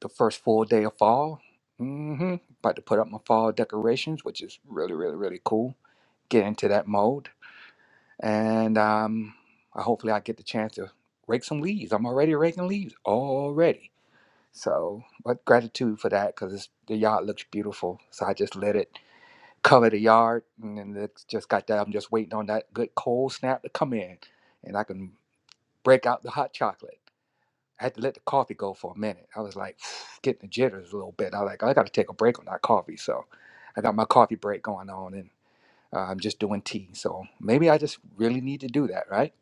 the first full day of fall. hmm About to put up my fall decorations, which is really, really, really cool. Get into that mode, and um, I hopefully I get the chance to rake some leaves. I'm already raking leaves already. So, but gratitude for that because the yard looks beautiful. So I just let it cover the yard, and then it's just got that. I'm just waiting on that good cold snap to come in, and I can break out the hot chocolate. I had to let the coffee go for a minute. I was like getting the jitters a little bit. I was like, I got to take a break on that coffee. So I got my coffee break going on and uh, I'm just doing tea. So maybe I just really need to do that, right?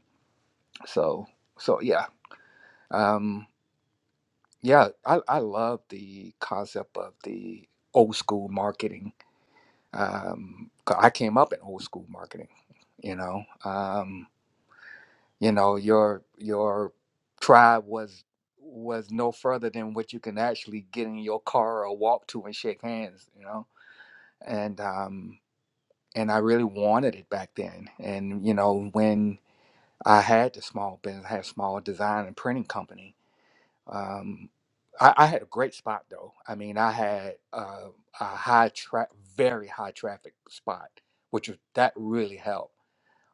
So, so yeah. Um, yeah, I, I love the concept of the old school marketing. Um, 'cause I came up in old school marketing, you know. Um, you know your your tribe was was no further than what you can actually get in your car or walk to and shake hands you know and um and i really wanted it back then and you know when i had the small business I had a small design and printing company um i, I had a great spot though i mean i had uh, a high tra- very high traffic spot which was that really helped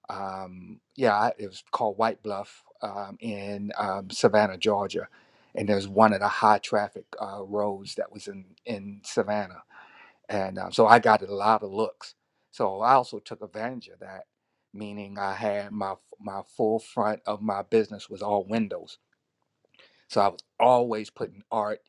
um, yeah, it was called White Bluff um, in um, Savannah, Georgia, and there's one of the high traffic uh, roads that was in in Savannah, and um, so I got a lot of looks. So I also took advantage of that, meaning I had my my full front of my business was all windows so I was always putting art,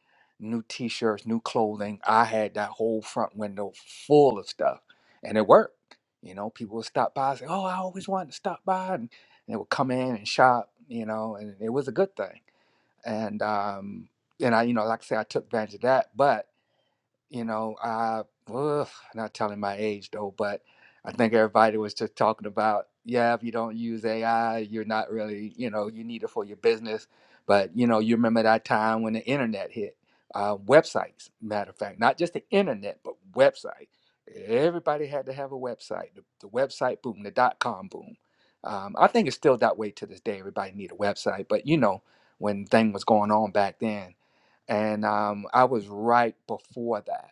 new t-shirts, new clothing. I had that whole front window full of stuff. And it worked. You know, people would stop by and say, Oh, I always wanted to stop by and, they would come in and shop, you know, and it was a good thing. And um and I, you know, like I say, I took advantage of that. but you know, I ugh, not telling my age though, but I think everybody was just talking about, yeah, if you don't use AI, you're not really, you know, you need it for your business. But you know, you remember that time when the internet hit, uh, websites. Matter of fact, not just the internet, but website. Everybody had to have a website. The, the website boom, the dot com boom. Um, I think it's still that way to this day. Everybody need a website, but you know, when thing was going on back then and um, I was right before that.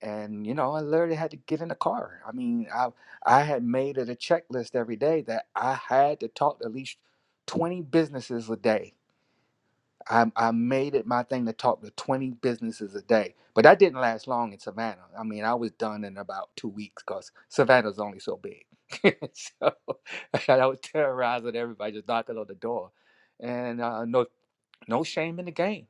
And you know, I literally had to get in the car. I mean, I I had made it a checklist every day that I had to talk to at least twenty businesses a day. I, I made it my thing to talk to twenty businesses a day, but that didn't last long in Savannah. I mean, I was done in about two weeks because Savannah's only so big. so I was terrorizing everybody, just knocking on the door, and uh, no no shame in the game.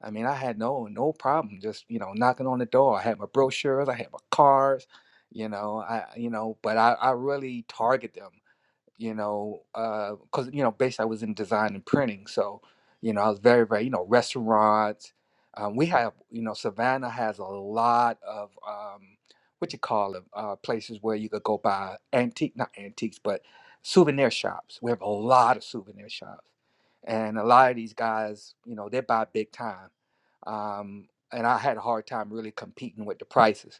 I mean, I had no no problem just you know knocking on the door. I had my brochures, I had my cards, you know, I you know, but I I really target them you know, because uh, you know, basically I was in design and printing, so you know, I was very, very, you know, restaurants. Um, we have, you know, Savannah has a lot of um, what you call it, uh, places where you could go buy antique, not antiques, but souvenir shops. We have a lot of souvenir shops, and a lot of these guys, you know, they buy big time. Um, and I had a hard time really competing with the prices,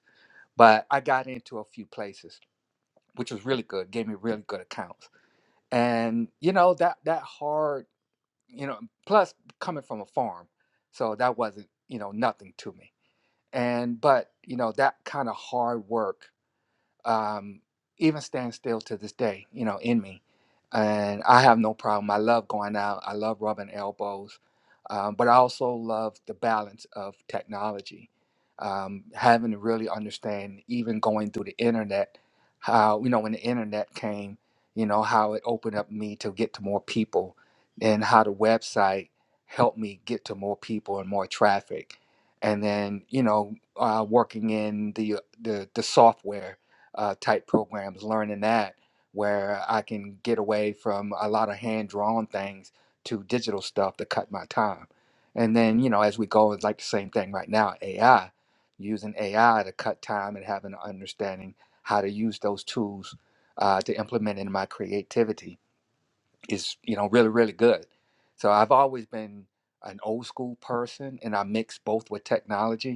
but I got into a few places, which was really good, gave me really good accounts and you know that that hard you know plus coming from a farm so that wasn't you know nothing to me and but you know that kind of hard work um, even stand still to this day, you know, in me. And I have no problem. I love going out. I love rubbing elbows, um, but I also love the balance of technology. Um, having to really understand, even going through the internet, how you know when the internet came, you know how it opened up me to get to more people, and how the website helped me get to more people and more traffic, and then you know uh, working in the the the software uh, type programs, learning that where I can get away from a lot of hand drawn things to digital stuff to cut my time. And then, you know, as we go, it's like the same thing right now AI, using AI to cut time and having an understanding how to use those tools uh, to implement in my creativity is, you know, really, really good. So I've always been an old school person and I mix both with technology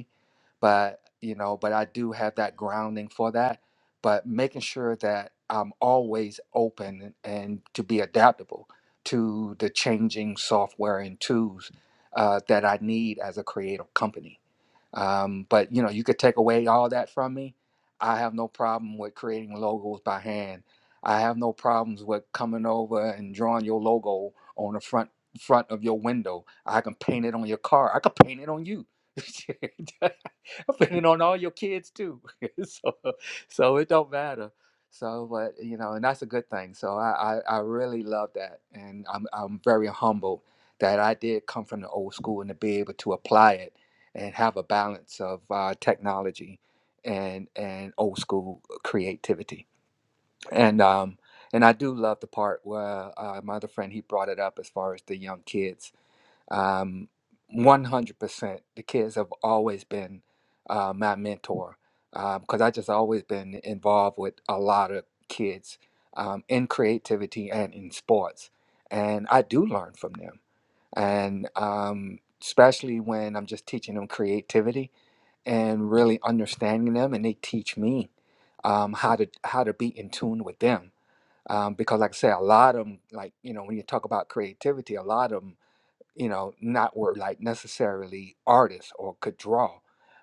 but you know but i do have that grounding for that but making sure that i'm always open and to be adaptable to the changing software and tools uh, that i need as a creative company um, but you know you could take away all that from me i have no problem with creating logos by hand i have no problems with coming over and drawing your logo on the front front of your window i can paint it on your car i can paint it on you picking on all your kids too. so, so it don't matter. So, but you know, and that's a good thing. So I, I, I really love that, and I'm, I'm very humbled that I did come from the old school and to be able to apply it and have a balance of uh, technology and and old school creativity. And um, and I do love the part where uh, my other friend he brought it up as far as the young kids um, 100% the kids have always been uh, my mentor because i just always been involved with a lot of kids um, in creativity and in sports and i do learn from them and um, especially when i'm just teaching them creativity and really understanding them and they teach me um, how to how to be in tune with them um, because like i say a lot of them like you know when you talk about creativity a lot of 'em you know, not were like necessarily artists or could draw,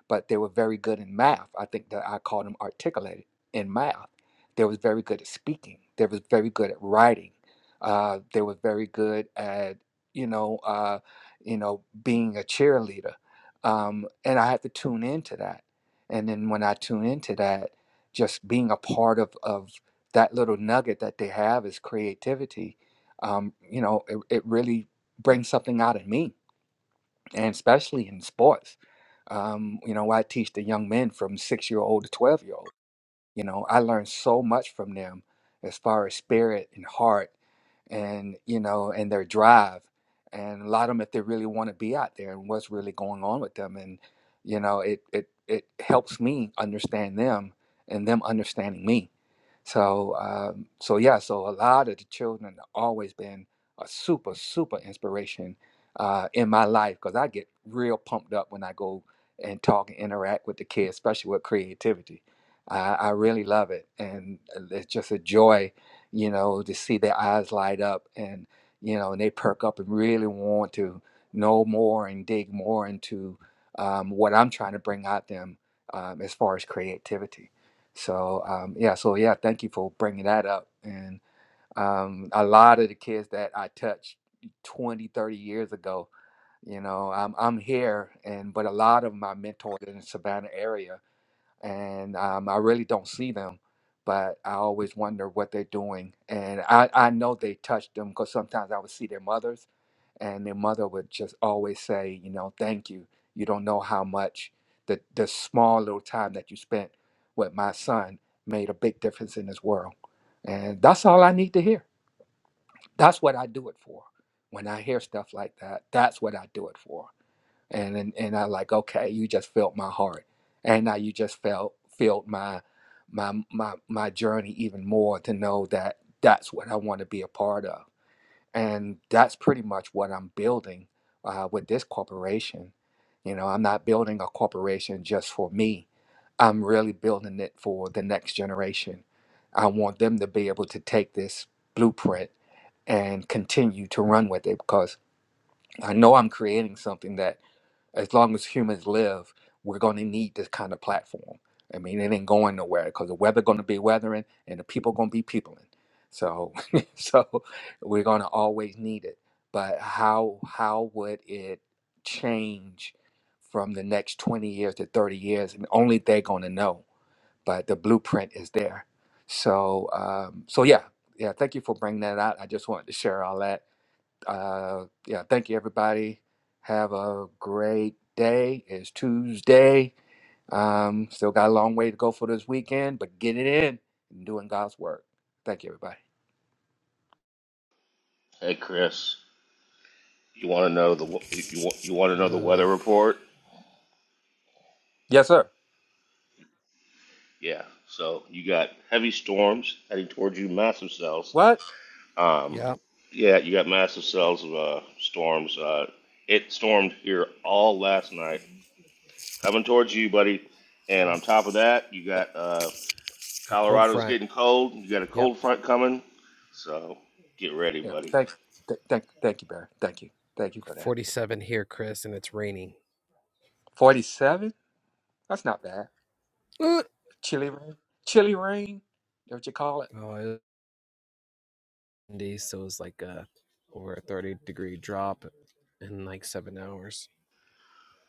but they were very good in math. I think that I called them articulated in math. They was very good at speaking. They was very good at writing. Uh, they were very good at you know, uh, you know, being a cheerleader. Um, and I had to tune into that. And then when I tune into that, just being a part of of that little nugget that they have is creativity. Um, you know, it, it really bring something out of me, and especially in sports. Um, you know, I teach the young men from six year old to 12 year old. You know, I learned so much from them as far as spirit and heart and, you know, and their drive and a lot of them if they really want to be out there and what's really going on with them. And, you know, it, it, it helps me understand them and them understanding me. So, um, so yeah, so a lot of the children have always been a super, super inspiration uh, in my life because I get real pumped up when I go and talk and interact with the kids, especially with creativity. I, I really love it, and it's just a joy, you know, to see their eyes light up, and you know, and they perk up and really want to know more and dig more into um, what I'm trying to bring out them um, as far as creativity. So um, yeah, so yeah, thank you for bringing that up. And um, a lot of the kids that I touched 20, 30 years ago, you know, I'm I'm here, and but a lot of my mentors in the Savannah area and um, I really don't see them, but I always wonder what they're doing. And I, I know they touched them because sometimes I would see their mothers, and their mother would just always say, you know, thank you. You don't know how much the, the small little time that you spent with my son made a big difference in his world. And that's all I need to hear. That's what I do it for. When I hear stuff like that, that's what I do it for and and, and I like okay, you just felt my heart, and now you just felt felt my my my my journey even more to know that that's what I want to be a part of, and that's pretty much what I'm building uh, with this corporation. You know, I'm not building a corporation just for me. I'm really building it for the next generation. I want them to be able to take this blueprint and continue to run with it because I know I'm creating something that as long as humans live, we're going to need this kind of platform. I mean, it ain't going nowhere because the weather going to be weathering and the people going to be peopling. So, so we're going to always need it. But how how would it change from the next twenty years to thirty years? And only they're going to know. But the blueprint is there. So, um, so yeah, yeah. Thank you for bringing that out. I just wanted to share all that uh, yeah, thank you, everybody. Have a great day. It's Tuesday. Um, still got a long way to go for this weekend, but get it in and doing God's work. Thank you, everybody. Hey Chris, you want to know the w- you want you want to know the weather Ugh. report? Yes, sir. Yeah. So you got heavy storms heading towards you, massive cells. What? Um, Yep, yeah, you got massive cells of uh, storms. Uh, it stormed here all last night, coming towards you, buddy. And yep. on top of that, you got uh, A cold Colorado's front. getting cold. You got a Yep. cold front coming, so get ready, Yeah. buddy. Thank, th- thank, thank you, Barry. Thank you. Thank you for that. 47 here, Chris, and it's raining. Forty-seven. That's not bad. Uh, Chilly rain. Chilly rain. Is that what you call it? Oh, it was so it was like a over a 30 degree drop in like seven hours.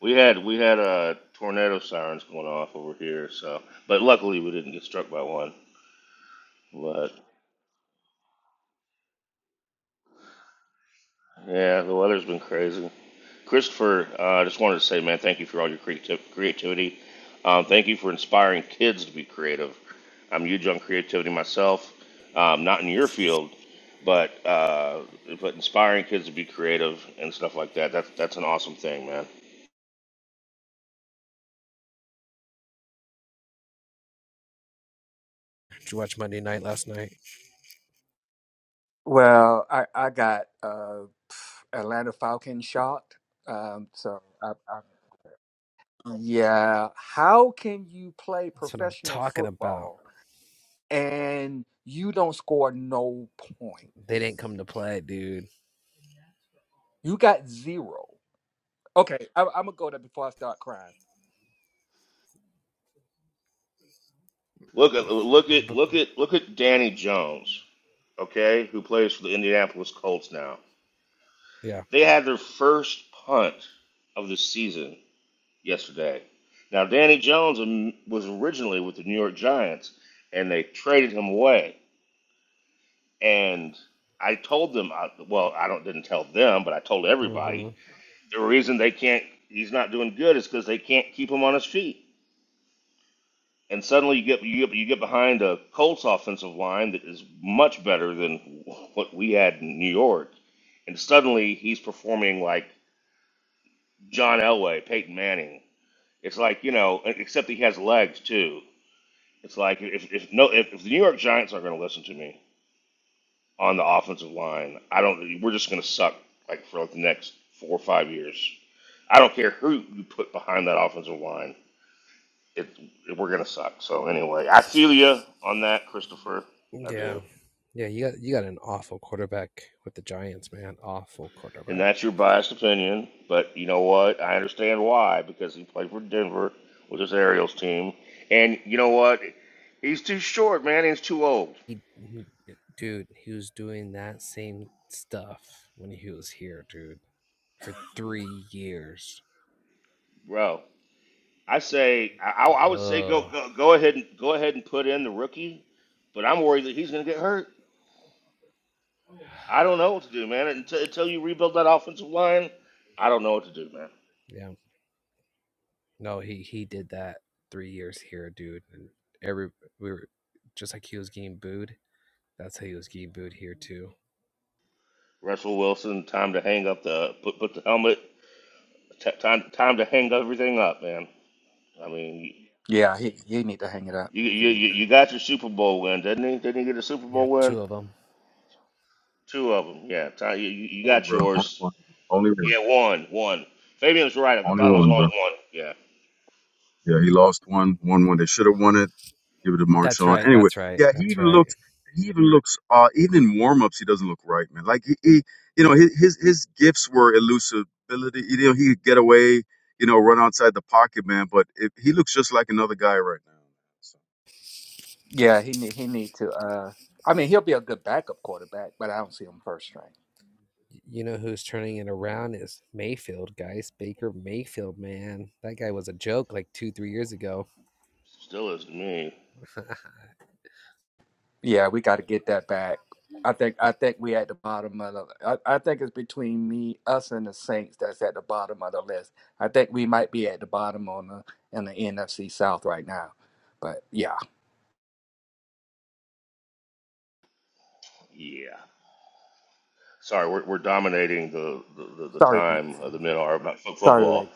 We had we had uh, tornado sirens going off over here, so but luckily we didn't get struck by one. But yeah, the weather's been crazy. Christopher, uh, I just wanted to say, man, thank you for all your creativ- creativity. Um, thank you for inspiring kids to be creative. I'm huge on creativity myself, um, not in your field, but uh, but inspiring kids to be creative and stuff like that. That's that's an awesome thing, man. Did you watch Monday Night last night? Well, I I got uh, Atlanta Falcons shot. Um, so I, I Yeah. How can you play That's what I'm professional talking about. football and you don't score no They didn't points? come to play, dude. You got zero. Okay, I, I'm gonna go there before I start crying. Look at look at But look at look at Danny Jones, okay, who plays for the Indianapolis Colts now. yeah, They had their first punt of the season yesterday. Now, Danny Jones um, was originally with the New York Giants, and they traded him away. And I told them, I, well, I don't didn't tell them, but I told hmm everybody the reason they can't, he's not doing good, is because they can't keep him on his feet. And suddenly you get you get you get behind a Colts offensive line that is much better than what we had in New York, and suddenly he's performing like John Elway, Peyton Manning. It's like you know, except he has legs too. It's like if if no if, if the New York Giants aren't going to listen to me on the offensive line, I don't. We're just going to suck like for like the next four or five years. I don't care who you put behind that offensive line. It, it we're going to suck. So anyway, I feel you on that, Christopher. I yeah, do, yeah. You got you got an awful quarterback with the Giants, man. Awful and quarterback. that's your biased opinion. But you know what? I understand why because he played for Denver with his Ariels team, and you know what? He's too short, man. He's too old, he- dude, he was doing that same stuff when he was here, dude, for three years. bro. I say I, I would say go, Ugh. go go ahead and go ahead and put in the rookie, but I'm worried that he's going to get hurt. I don't know what to do, man. Until, until you rebuild that offensive line, I don't know what to do, man. Yeah. No, he he did that three years here, dude. And every we were just like he was getting booed That's how he was getting booed here too. Russell Wilson, time to hang up the put put the helmet. T- time time to hang everything up, man. I mean, Yeah, he he need to hang it up. you He you need you, to. you got your Super Bowl win, didn't he? Didn't he get a Super Yeah, Bowl win? two of them. Two of them, yeah. Ti- you, you you One, got bro. Only yours. one. Only one. Yeah, one, one. Fabian's right. I Only thought it was one, bro. only one. Yeah, Yeah, he lost one. One, one. They should have won it. give it a That's Marshawn. right. Anyway, That's right. yeah, he That's even right. looks. He even looks. Uh, even in warm-ups, he doesn't look right, man. Like he, he you know, his, his his gifts were elusibility. You know, he could get away. You know, run outside the pocket, man. But it, he looks just like another guy right now. So. Yeah, he need he need to. Uh, I mean, he'll be a good backup quarterback, but I don't see him first string. You know who's turning it around is Mayfield, guys. Baker Mayfield, man, that guy was a joke like two, three years ago. still is to me. Yeah, we got to get that back. I think I think we at the bottom of the. I, I think it's between me, us, and the Saints that's at the bottom of the list. I think we might be at the bottom on the in the NFC South right now. But yeah, Yeah. Sorry, we're, we're dominating the, the, the, the sorry, time legacy. uh, the men are about fo- Sorry, football. legacy.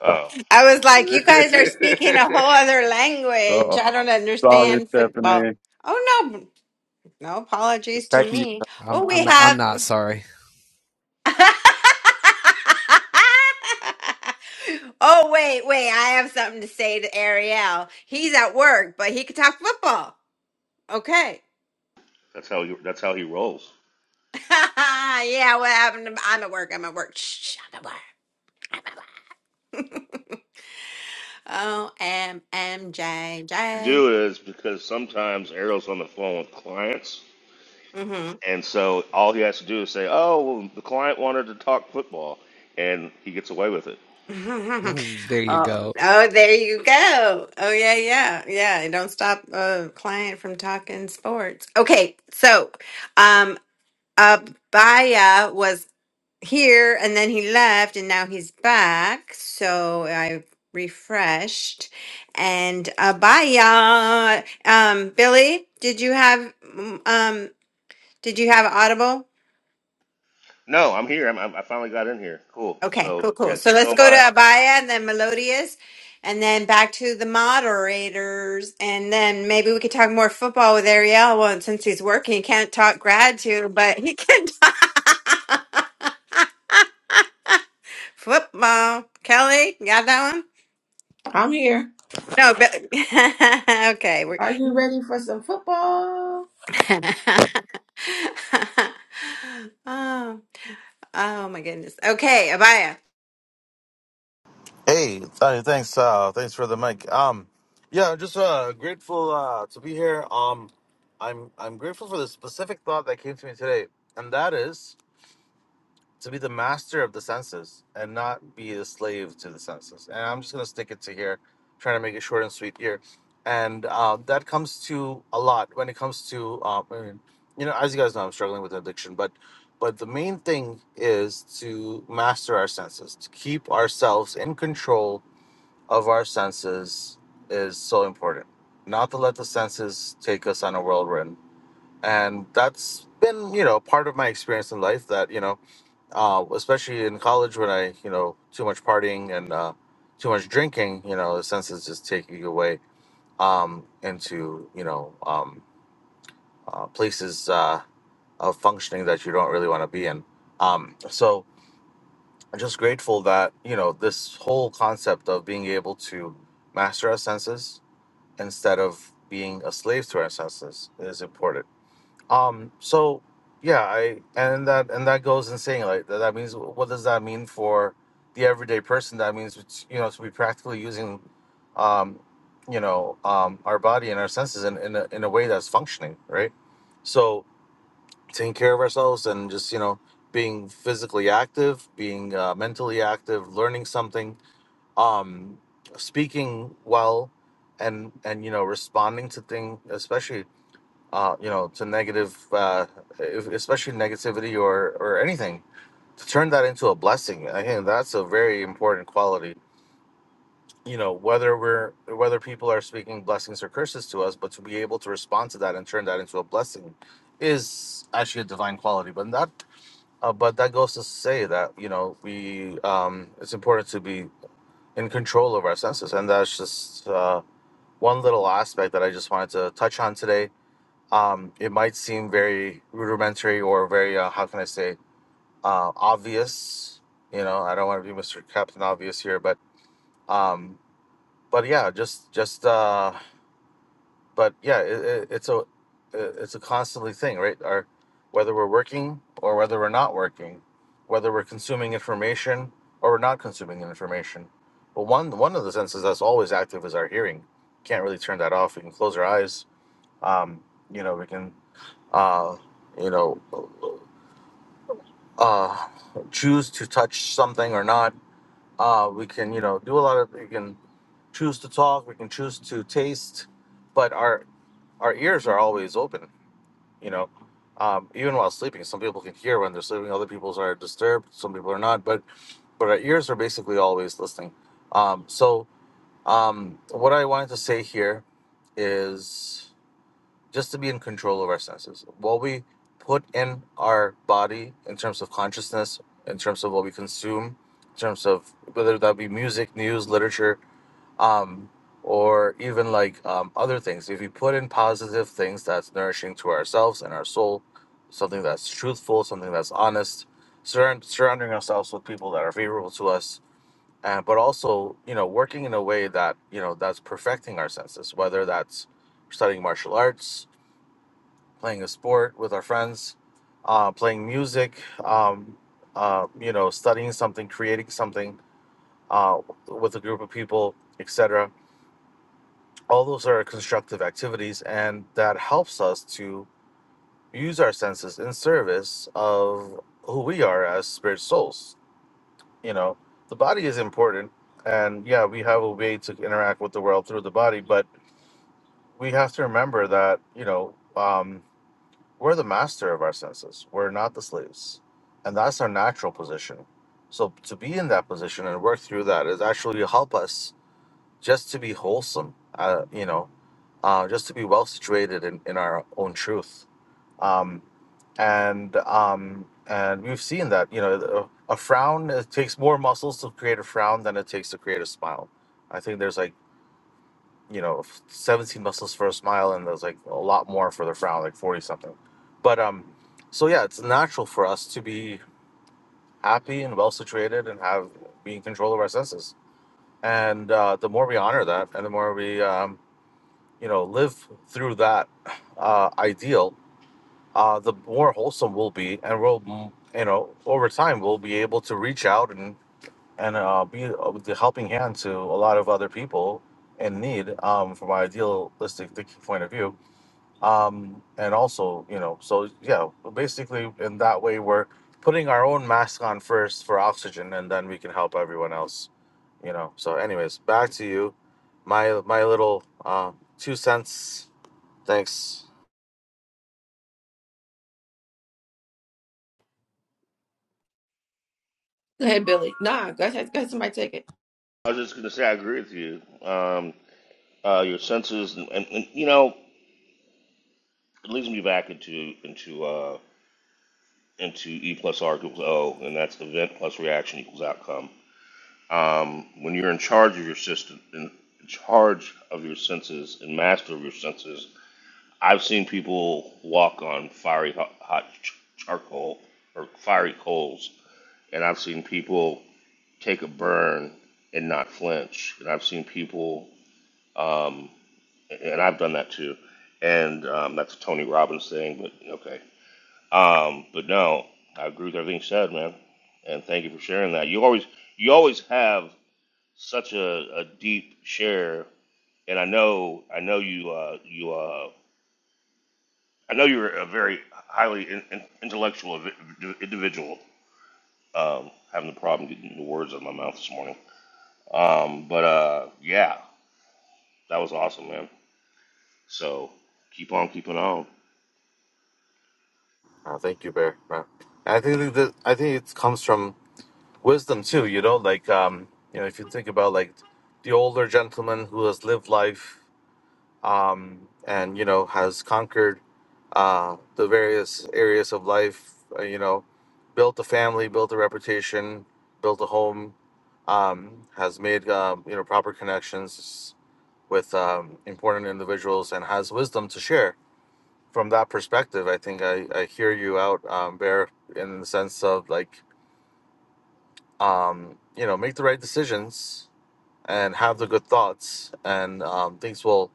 Uh, I was like, You guys are speaking a whole other language. Uh-oh. I don't Sorry, understand football. Stephanie. Oh, no. No apologies to Thank you. me. I'm, Oh, I'm we not, have. I'm not sorry. oh wait, wait! I have something to say to Ariel. He's at work, but he could talk football. Okay. that's how he, that's how he rolls. yeah, what happened? To, I'm at work. I'm at work. Shh, I'm at work. O M M J What you J. do is because sometimes Errol's on the phone with clients, Mm-hmm. and so all he has to do is say, "Oh, well, the client wanted to talk football," and he gets away with it. there you oh, go. oh, there you go. Oh yeah, yeah, yeah. It Don't stop a client from talking sports. Okay, so um, Abaya here and then he left and now he's back. So I refreshed and uh, bye y'all. Um, Billy, did you have mm, um did you have Audible? No, I'm here. I'm, I'm, I finally got in here. Cool. Okay, So cool, cool. yeah, So let's don't go to buy it. Abaya and then Melodious and then back to the moderators. And then maybe we could talk more football with Ariel. Well, since he's working, he can't talk gratitude, but he can talk football. Kelly, you got that one? I'm here. No, but okay. We're, Are you ready for some football? oh, oh my goodness. Okay, Abaya. Hey, th- thanks. Uh, thanks for the mic. Um, yeah, just uh, grateful uh, to be here. Um, I'm I'm grateful for the specific thought that came to me today, and that is to be the master of the senses and not be a slave to the senses. And I'm just gonna stick it to here, trying to make it short and sweet here. And uh, that comes to a lot when it comes to um, I mean, you know, as you guys know, I'm struggling with addiction, but but the main thing is to master our senses, to keep ourselves in control of our senses is so important. Not to let the senses take us on a whirlwind. And that's been, you know, part of my experience in life that, you know, uh, especially in college when I, you know, too much partying and uh, too much drinking, you know, the senses just take you away um, into, you know, um, uh, places uh, of functioning that you don't really want to be in. Um, so I'm just grateful that, you know, this whole concept of being able to master our senses instead of being a slave to our ancestors is important. Um, so yeah, I and that and that goes in saying like that, that means what does that mean for the everyday person? That means it's, you know to be practically using, um, you know, um, our body and our senses in in a, in a way that's functioning, right? So taking care of ourselves and just you know being physically active, being uh, mentally active, learning something um speaking well and and you know responding to thing especially uh you know to negative uh if, especially negativity or or anything to turn that into a blessing i think that's a very important quality you know whether we're whether people are speaking blessings or curses to us but to be able to respond to that and turn that into a blessing is actually a divine quality but that uh, but that goes to say that you know we um it's important to be in control of our senses. And that's just uh, one little aspect that I just wanted to touch on today. Um, it might seem very rudimentary or very, uh, how can I say, uh, obvious. You know, I don't want to be Mr. Captain Obvious here, but um, but yeah, just just uh, but yeah, it, it, it's a it's a constantly thing, right? Our whether we're working or whether we're not working, whether we're consuming information or we're not consuming information. But one one of the senses that's always active is our hearing. Can't really turn that off. We can close our eyes. Um, you know, we can uh, you know uh, choose to touch something or not. Uh, we can you know do a lot of we can choose to talk. We can choose to taste. But our our ears are always open, you know. Um, even while sleeping, some people can hear when they're sleeping. Other people are disturbed. Some people are not, but but our ears are basically always listening. Um, so um, what I wanted to say here is just to be in control of our senses. What we put in our body in terms of consciousness, in terms of what we consume, in terms of whether that be music, news, literature, um, or even like um, other things. If we put in positive things that's nourishing to ourselves and our soul, something that's truthful, something that's honest, surround, surrounding ourselves with people that are favorable to us, and but also you know working in a way that you know that's perfecting our senses, whether that's studying martial arts, playing a sport with our friends, uh, playing music. Um, uh, you know, studying something, creating something uh, with a group of people, etc all those are constructive activities and that helps us to use our senses in service of who we are as spirit souls you know the body is important and yeah we have a way to interact with the world through the body but we have to remember that you know um, we're the master of our senses we're not the slaves and that's our natural position so to be in that position and work through that is actually help us just to be wholesome uh, you know uh, just to be well situated in, in our own truth. Um, and um, and we've seen that you know a, a frown it takes more muscles to create a frown than it takes to create a smile. I think there's like you know 17 muscles for a smile, and there's like a lot more for the frown, like 40 something. But um, so yeah, it's natural for us to be happy and well situated and have be in control of our senses. And uh, the more we honor that, and the more we um, you know live through that uh, ideal, uh, the more wholesome we'll be, and we'll, mm, you know, over time we'll be able to reach out and and uh, be uh, the helping hand to a lot of other people in need um, from my idealistic thinking point of view. Um, and also, you know, so yeah, basically in that way we're putting our own mask on first for oxygen, and then we can help everyone else. You know. So, anyways, back to you. My my little uh, two cents. Thanks. Go ahead, Billy. Nah, go ahead. Go ahead. Somebody take it. I was just gonna say I agree with you. Um, uh, your senses, and, and, and you know, it leads me back into into. uh. into E plus R equals O, and that's event plus reaction equals outcome. Um, when you're in charge of your system, in charge of your senses and master of your senses, I've seen people walk on fiery hot, hot ch- charcoal or fiery coals, and I've seen people take a burn and not flinch, and I've seen people, um, and I've done that too, and um, that's a Tony Robbins thing, but okay. Um, but no, I agree with everything you said, man. And thank you for sharing that. You always you always have such a, a deep share, and I know I know you uh, you uh, I know you're a very highly in, in- intellectual invi- individual. Um, having the problem getting the words out of my mouth this morning. Um, but uh, yeah, that was awesome, man. So keep on keeping on. Uh, thank you, Bear. Right. I think that I think it comes from wisdom too. You know, like um, you know, if you think about like the older gentleman who has lived life, um, and you know has conquered uh the various areas of life. Uh, you know, built a family, built a reputation, built a home. Um, has made um, you know proper connections with um, important individuals and has wisdom to share from that perspective, I think I, I hear you out, um, Bear, in the sense of like, um, you know, make the right decisions and have the good thoughts, and um, things will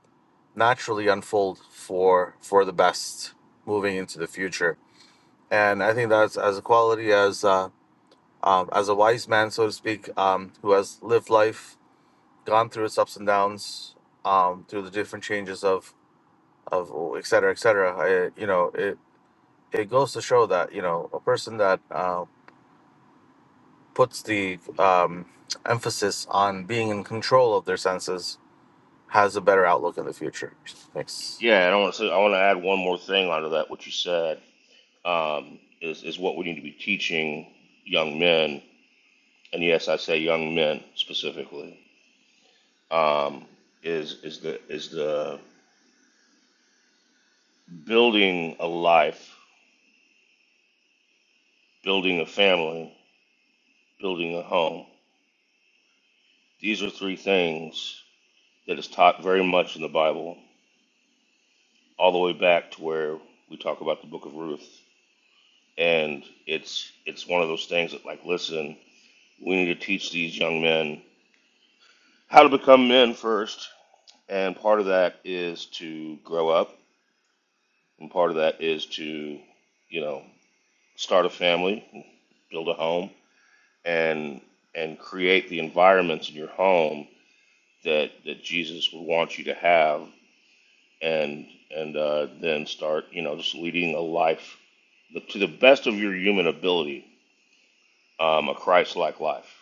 naturally unfold for for the best moving into the future. And I think that's as a quality as uh, um, as a wise man, so to speak, um, who has lived life, gone through its ups and downs, um, through the different changes of of et cetera, et cetera. I, you know, it, it goes to show that you know a person that uh, puts the um, emphasis on being in control of their senses has a better outlook in the future. Thanks. Yeah, and I want to say I want to add one more thing onto that what you said um, is, is what we need to be teaching young men, and yes, I say young men specifically, um, is, is, the, is the building a life, building a family, building a home. These are three things that is taught very much in the Bible, all the way back to where we talk about the book of Ruth. And it's, it's one of those things that, like, listen, we need to teach these young men how to become men first. And part of that is to grow up And part of that is to, you know, start a family, build a home, and and create the environments in your home that that Jesus would want you to have, and and uh, then start, you know, just leading a life to the best of your human ability, um, a Christ-like life,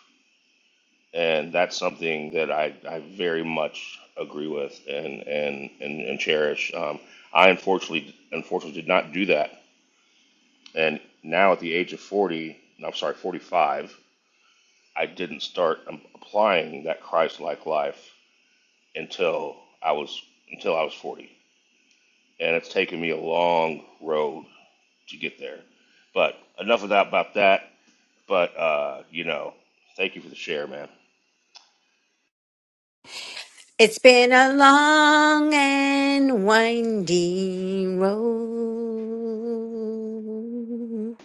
and that's something that I, I very much agree with and and and, and cherish. Um, I unfortunately unfortunately did not do that And now at the age of 40, no, I'm sorry, 45, I didn't start um, applying that Christ-like life until I was until I was 40. And it's taken me a long road to get there. But enough of that about that. But uh, you know, thank you for the share, man. It's been a long and winding road.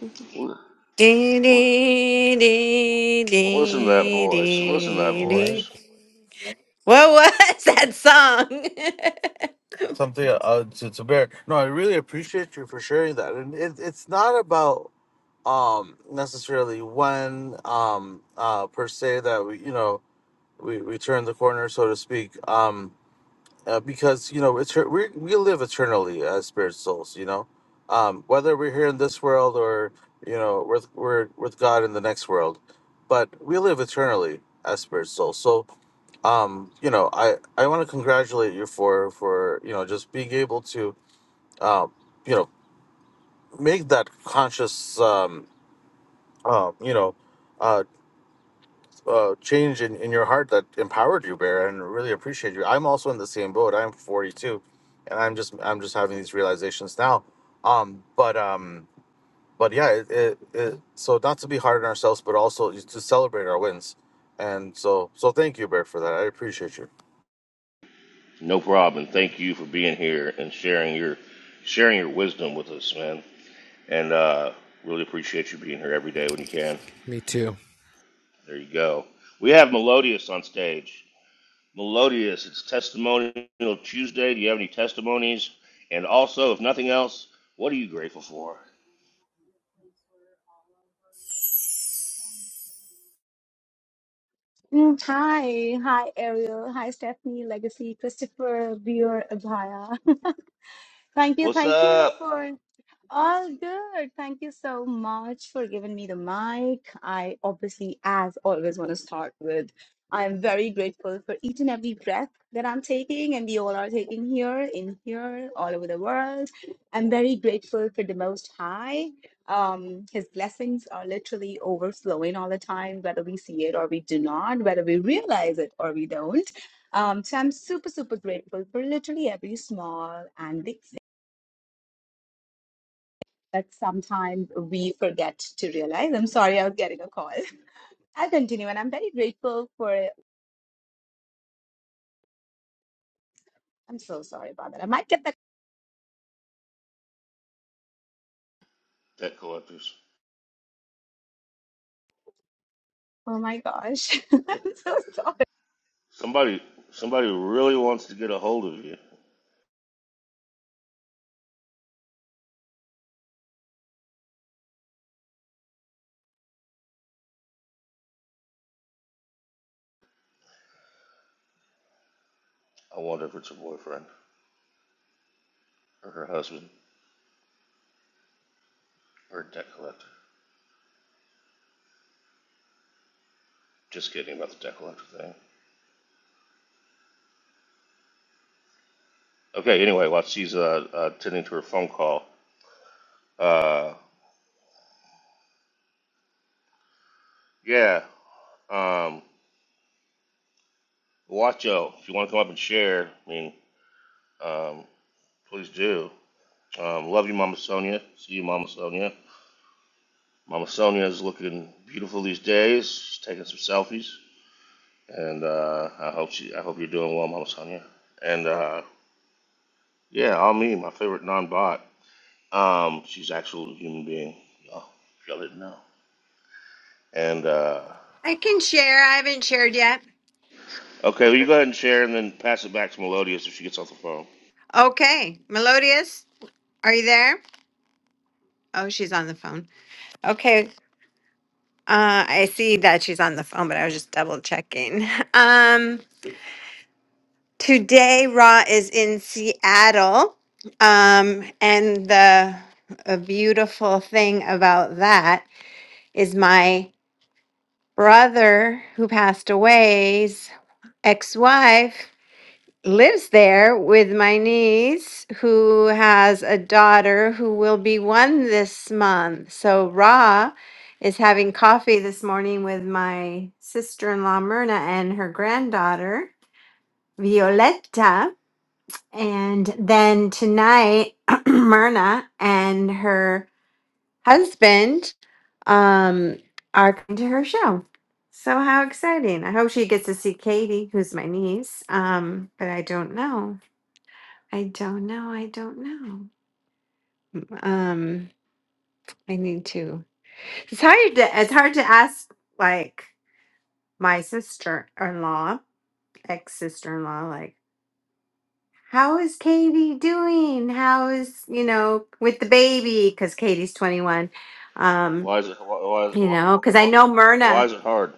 Dee, dee, dee, Listen to that dee, voice. Listen to that dee, Right. dee. voice. What was that song? Something uh, to, to bear. No, I really appreciate you for sharing that, and it, it's not about um necessarily when um uh per se that we you know we we turn the corner so to speak um uh, because you know eter- we we live eternally as spirit souls. You know, um, whether we're here in this world or you know with we're with God in the next world, but we live eternally as spirit souls. So, um, you know, I I want to congratulate you for for you know just being able to uh, you know make that conscious um, uh, you know. uh, uh, change in, in your heart that empowered you, Bear, and really appreciate you. I'm also in the same boat. I'm 42, and I'm just I'm just having these realizations now. Um, but um, but yeah, it, it, it, so not to be hard on ourselves, but also to celebrate our wins. And so so thank you, Bear, for that. I appreciate you. No problem. Thank you for being here and sharing your sharing your wisdom with us, man. And uh, really appreciate you being here every day when you can. Me too. There you go. We have Melodious on stage. Melodious, it's Testimonial Tuesday. Do you have any testimonies? And also, if nothing else, what are you grateful for? Mm, Hi, hi Ariel, hi Stephanie, Legacy, Christopher, Beer, Abhaya. Thank you, What's thank you up, for all good. Thank you so much for giving me the mic. I obviously, as always, want to start with I'm very grateful for each and every breath that I'm taking, and we all are taking here, in here, all over the world. I'm very grateful for the Most High. Um, his blessings are literally overflowing all the time, whether we see it or we do not, whether we realize it or we don't. Um, so I'm super, super grateful for literally every small and big that sometimes we forget to realize. I'm sorry, I was getting a call. I'll continue, and I'm very grateful for it. I'm so sorry about that. I might get that. debt collectors? Oh my gosh, I'm so sorry. Somebody, somebody really wants to get a hold of you. I wonder if it's her boyfriend or her husband or a debt collector. Just kidding about the debt collector thing. Okay. Anyway, while she's uh, uh, attending to her phone call, uh, yeah. Um, Watcho, if you want to come up and share, I mean, um. Please do. Um, love you, Mama Sonia. See you, Mama Sonia. Mama Sonia is looking beautiful these days. She's taking some selfies, and uh, I hope she. I hope you're doing well, Mama Sonia. And uh, yeah, all me, my favorite non-bot. Um, she's an actual human being. Y'all, y'all didn't know. And uh, I can share. I haven't shared yet. okay, well, you go ahead and share, and then pass it back to Melodious if she gets off the phone. Okay, Melodious, are you there? Oh, she's on the phone. Okay. Uh, I see that she's on the phone, but I was just double checking. Um, today, Raw is in Seattle. Um, and the a beautiful thing about that is my brother who passed away's ex-wife lives there with my niece who has a daughter who will be one this month. So Ra is having coffee this morning with my sister-in-law Myrna and her granddaughter Violetta. And then tonight Myrna and her husband um are coming to her show. So how exciting. I hope she gets to see Katie, who's my niece. Um, but I don't know. I don't know. I don't know. Um, I need to. It's hard to. It's hard to ask like my sister-in-law, ex-sister-in-law, like how is Katie doing? How is you know with the baby? Because Katie's twenty-one. Um, Why is it? Why, why, you why, know, because I why know Myrna. why is it hard?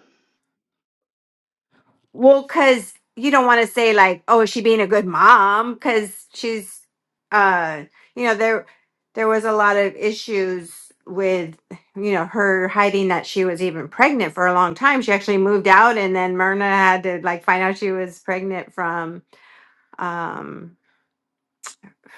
Well, because you don't want to say like, "Oh, is she being a good mom?" Because she's, uh, you know, there there was a lot of issues with you know her hiding that she was even pregnant for a long time. She actually moved out, and then Myrna had to like find out she was pregnant from um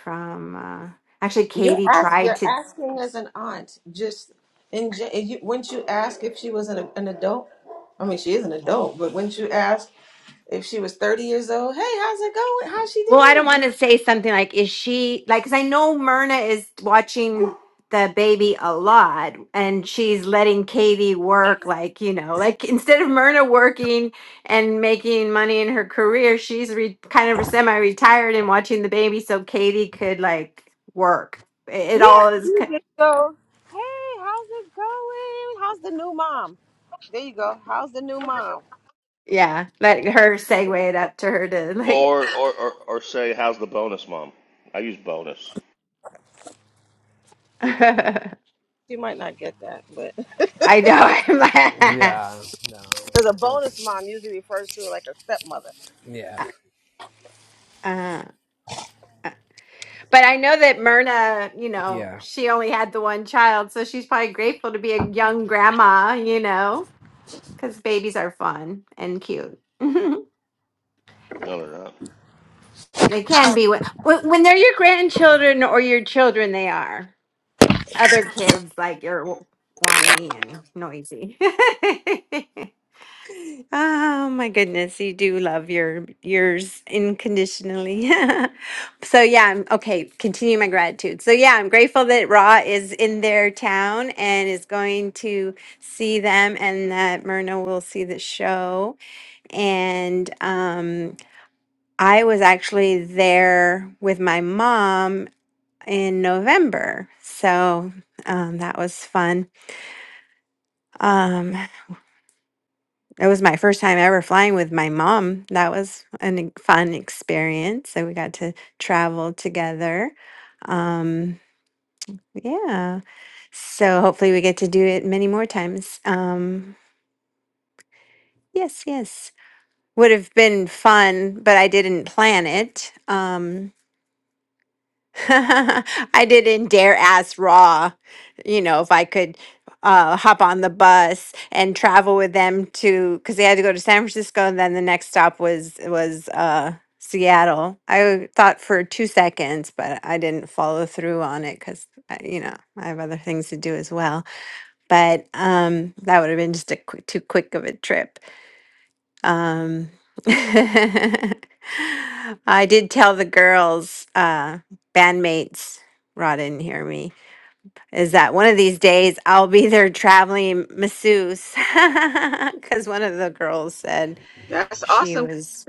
from uh, actually You're Katie ask, tried you're to asking as an aunt, just in ge- you, wouldn't you ask if she was an, an adult? I mean, she is an adult, but wouldn't you ask if Well, I don't want to say something like, is she like, because I know Myrna is watching the baby a lot and she's letting Katie work, like, you know, like instead of Myrna working and making money in her career, she's re- kind of semi retired and watching the baby so Katie could like work. It, it Yeah, all is, you ki- just go, hey, how's it going? How's the new mom? There you go. How's the new mom? yeah, let her segue it up to her to like, Or, or or or say, how's the bonus, Mom? I use bonus. But I know. I'm like, Yeah. No. Don't. Yeah. uh-uh. But I know that Myrna, you know, Yeah. she only had the one child, so she's probably grateful to be a young grandma, you know, because babies are fun and cute. No, they're not. they can be when, when when they're your grandchildren or your children, they are. Other kids, like, you're whiny and noisy. Oh my goodness, you do love your yours unconditionally. so yeah, I'm okay, continue my gratitude. So yeah, I'm grateful that Ra is in their town and is going to see them and that Myrna will see the show. And um I was actually there with my mom in November. So um that was fun. Um It was my first time ever flying with my mom. That was an e- fun experience. So we got to travel together. Um, yeah. So hopefully we get to do it many more times. Um, yes, yes. Would have been fun, but I didn't plan it. Um, I didn't dare ask Raw, you know, if I could uh, hop on the bus and travel with them to, because they had to go to San Francisco, and then the next stop was was uh, Seattle. I thought for two seconds, but I didn't follow through on it because you know I have other things to do as well. But um, that would have been just a quick, too quick of a trip. Um, I did tell the girls, uh, bandmates, Rod didn't hear me, is that one of these days I'll be their traveling masseuse. Because one of the girls said That's she awesome was,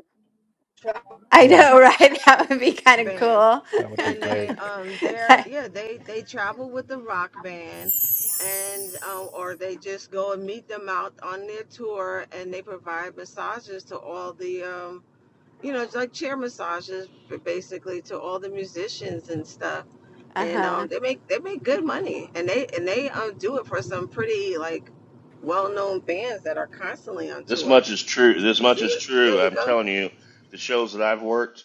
I Yeah. know, right? That would be kind of cool. band. That would be And they great. um they're yeah, they they travel with the rock band and um or they just go and meet them out on their tour and they provide massages to all the um you know, it's like chair massages b- basically to all the musicians and stuff. uh And huh. um, they make they make good money, and they and they um, do it for some pretty like well known bands that are constantly on This tour. much is true. This much is See, there true. you I'm go. telling you, the shows that I've worked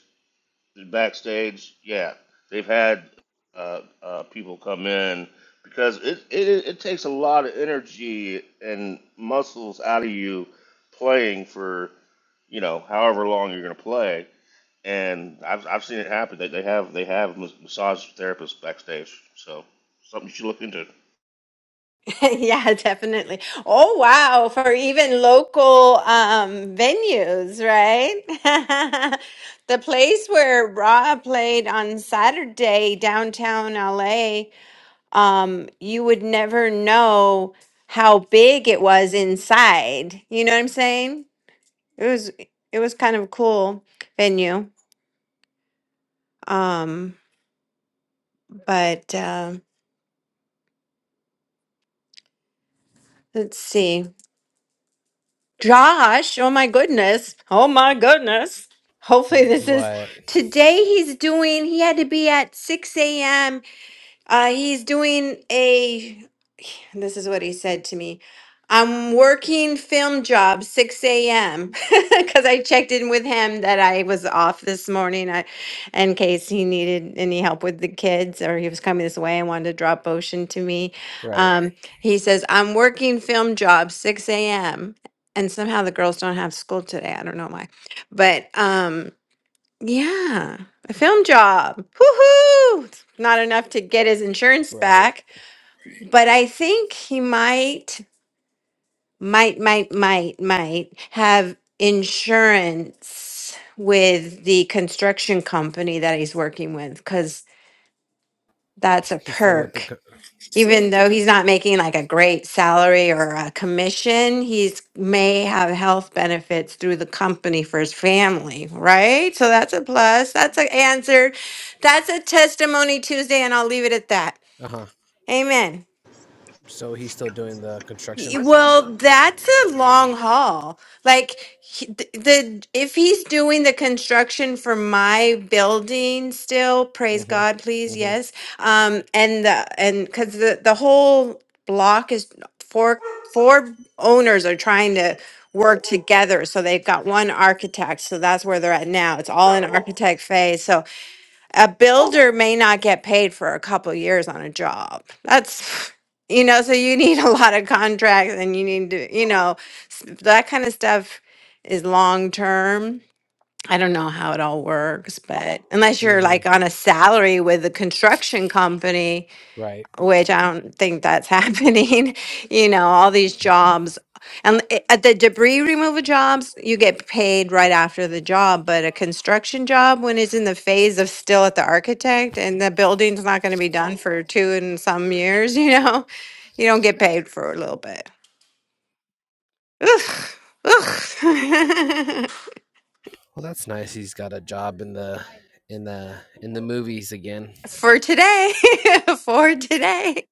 backstage, yeah, they've had uh, uh, people come in because it, it it takes a lot of energy and muscles out of you playing for you know however long you're gonna play. And I've I've seen it happen. They they have they have mas- massage therapists backstage, so something you should look into. Yeah, definitely. Oh, wow. For even local um, venues, right? The place where Raw played on Saturday, downtown LA, um, you would never know how big it was inside. You know what I'm saying? It was it was kind of a cool venue. Um, but uh, let's see. Josh, oh my goodness. Oh my goodness. Hopefully, this is What? today. He's doing, he had to be at 6 a.m. Uh, he's doing a, this is what he said to me. I'm working film job 6 a.m. because I checked in with him that I was off this morning I, in case he needed any help with the kids or he was coming this way and wanted to drop Ocean to me. Right. Um, he says, I'm working film job 6 a.m. And somehow the girls don't have school today. I don't know why. But um, yeah, a film job. Woohoo! It's Not enough to get his insurance Right. back. But I think he might might, might, might, might have insurance with the construction company that he's working with because that's a He's still with the. perk. Co- Even though he's not making like a great salary or a commission, he's may have health benefits through the company for his family, right? So that's a plus. That's an answer. That's a testimony Tuesday, and I'll leave it at that. Uh huh. Amen. So he's still doing the Y- construction. That's awesome. Well, that's a long haul. Like he- th- the if he's doing the construction for my building still, praise God, Mm-hmm. please, Mm-hmm. yes. Um, and the and because the the whole block is four four owners are trying to work together, so they've got one architect. So that's where they're at now. It's all in architect phase. So a builder may not get paid for a couple years on a job. That's, you know, so you need a lot of contracts and you need to, you know, s- that kind of stuff is long term. I don't know how it all works, but unless you're like Mm-hmm. on a salary with a construction company, Right. which I don't think that's happening. You know, all these jobs and it- at the debris removal jobs, you get paid right after the job, but a construction job when it's in the phase of still at the architect and the building's not going to be done for two and some years, you know, you don't get paid for a little bit. Ugh. Ugh. Well, that's nice. He's got a job in the in the in the movies again. for today, for today.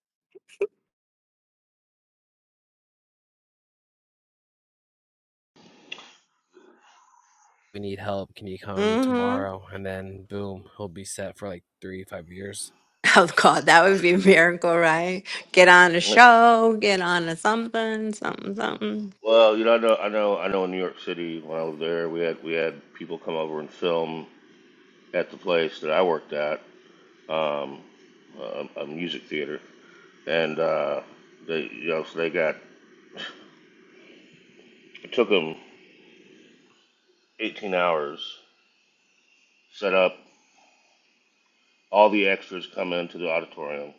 We need help. Can you come Mm-hmm. tomorrow? And then boom, he'll be set for like three five years. Oh God, that would be a miracle, right? Get on a show, get on a something, something, something. Well, you know, I know, I know, I know. In New York City, when I was there, we had we had people come over and film at the place that I worked at, um, a, a music theater, and uh, they, you know, so they got it took them 18 hours set up. All the extras come into the auditorium,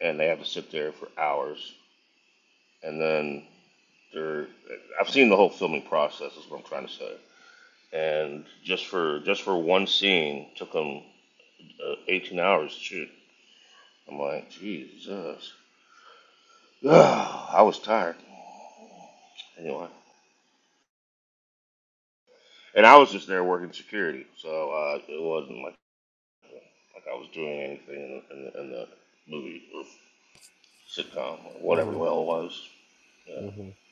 and they have to sit there for hours, and then they're. I've seen the whole filming process. Is what I'm trying to say. And just for just for one scene, took them uh, 18 hours to shoot. I'm like, Jesus, I was tired. Anyway. And I was just there working security, so uh, it wasn't like, like I was doing anything in the, in the, in the movie or sitcom or whatever the Mm-hmm. hell it was. Mm-hmm.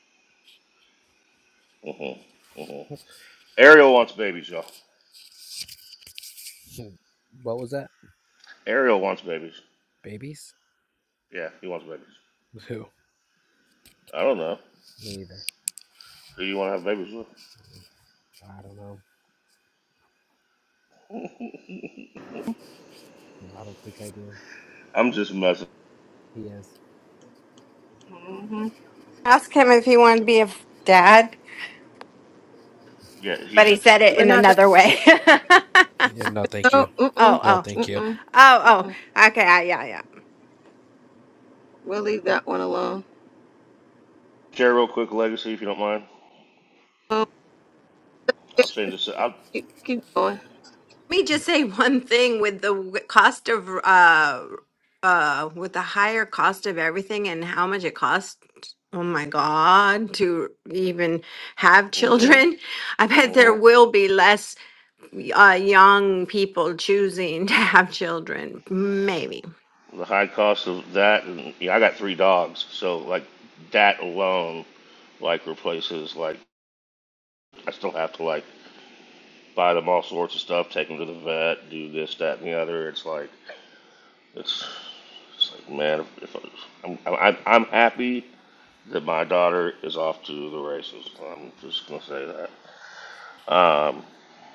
Yeah. hmm hmm Ariel wants babies, y'all. What was that? Ariel wants babies. Babies? Yeah, he wants babies. Who? I don't know. Me either. Who you want to have babies with? I don't know. No, I don't think I do. I'm just messing. He is. hmm Ask him if he wanted to be a f- dad, Yeah, but he he said it We're in not gonna another way. oh, Yeah. No, thank you. no, mm-mm, No, oh, thank you. mm-mm, oh, mm-mm. oh. Okay, uh, yeah, yeah. We'll leave that one alone. share real quick legacy if you don't mind. Oh, I'll change this. I'll. keep, keep going. Let me Yeah, just say one thing with the w- cost of uh uh with the higher cost of everything and how much it costs. Oh my God, to even have children. Mm-hmm. I bet there Mm-hmm. will be less. uh, young people choosing to have children. Maybe. The high cost of that, and yeah, I got three dogs, so like that alone, like replaces like. I still have to like buy them all sorts of stuff, take them to the vet, do this, that, and the other. It's like it's it's like man, if, if I'm, I'm I'm happy that my daughter is off to the races. I'm just gonna say that. Um,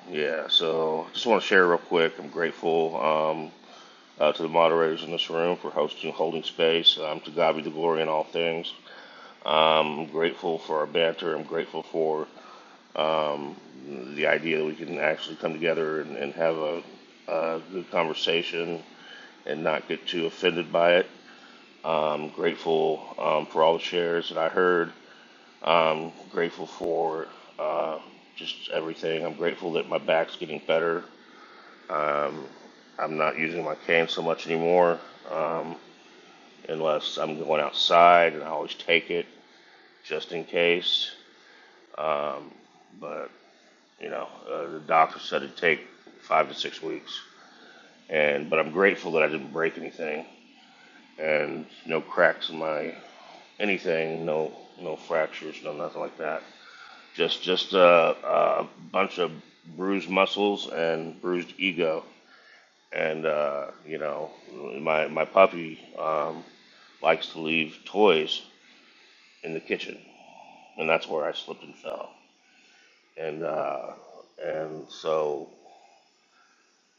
yeah. So just want to share real quick. I'm grateful. Um, uh, to the moderators in this room for hosting, holding space. Um, to God be the glory in all things. Um, I'm grateful for our banter. I'm grateful for Um, the idea that we can actually come together and, and have a, a good conversation and not get too offended by it. Um, grateful um, for all the shares that I heard. Um, grateful for uh, just everything. I'm grateful that my back's getting better. I'm not using my cane so much anymore um, unless I'm going outside, and I always take it just in case. But you know, uh, the doctor said it'd take five to six weeks. and but I'm grateful that I didn't break anything, and no cracks in my anything, no no fractures, no nothing like that. Just just a, a bunch of bruised muscles and bruised ego, and uh, you know my my puppy um, likes to leave toys in the kitchen, and that's where I slipped and fell, and uh, and so.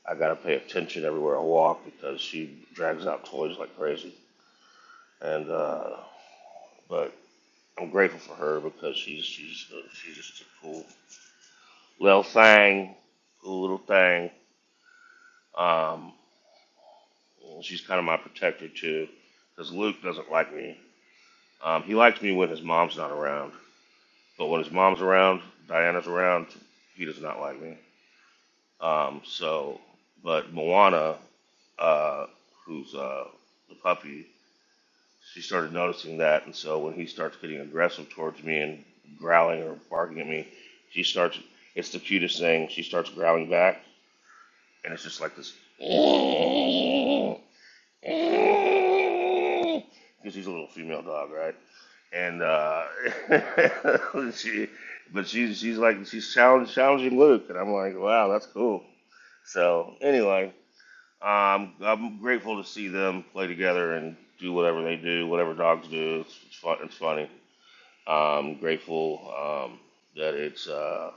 I gotta pay attention everywhere I walk because she drags out toys like crazy. And uh, but I'm grateful for her because she's she's uh, she's just a cool little thing, cool little thing. Um, she's kind of my protector too, because Luke doesn't like me. Um, he likes me when his mom's not around, but when his mom's around, Diana's around, he does not like me. Um, so, but Moana, uh, who's uh, the puppy, She started noticing that, and so when he starts getting aggressive towards me and growling or barking at me, she starts. It's the cutest thing. She starts growling back, and it's just like this. Because she's a little female dog, right? And uh, she, but she's she's like she's challenge, challenging Luke, and I'm like, wow, that's cool. So anyway, um, I'm grateful to see them play together and do whatever they do, whatever dogs do. It's, it's fun. It's funny. I'm grateful um, that it's uh,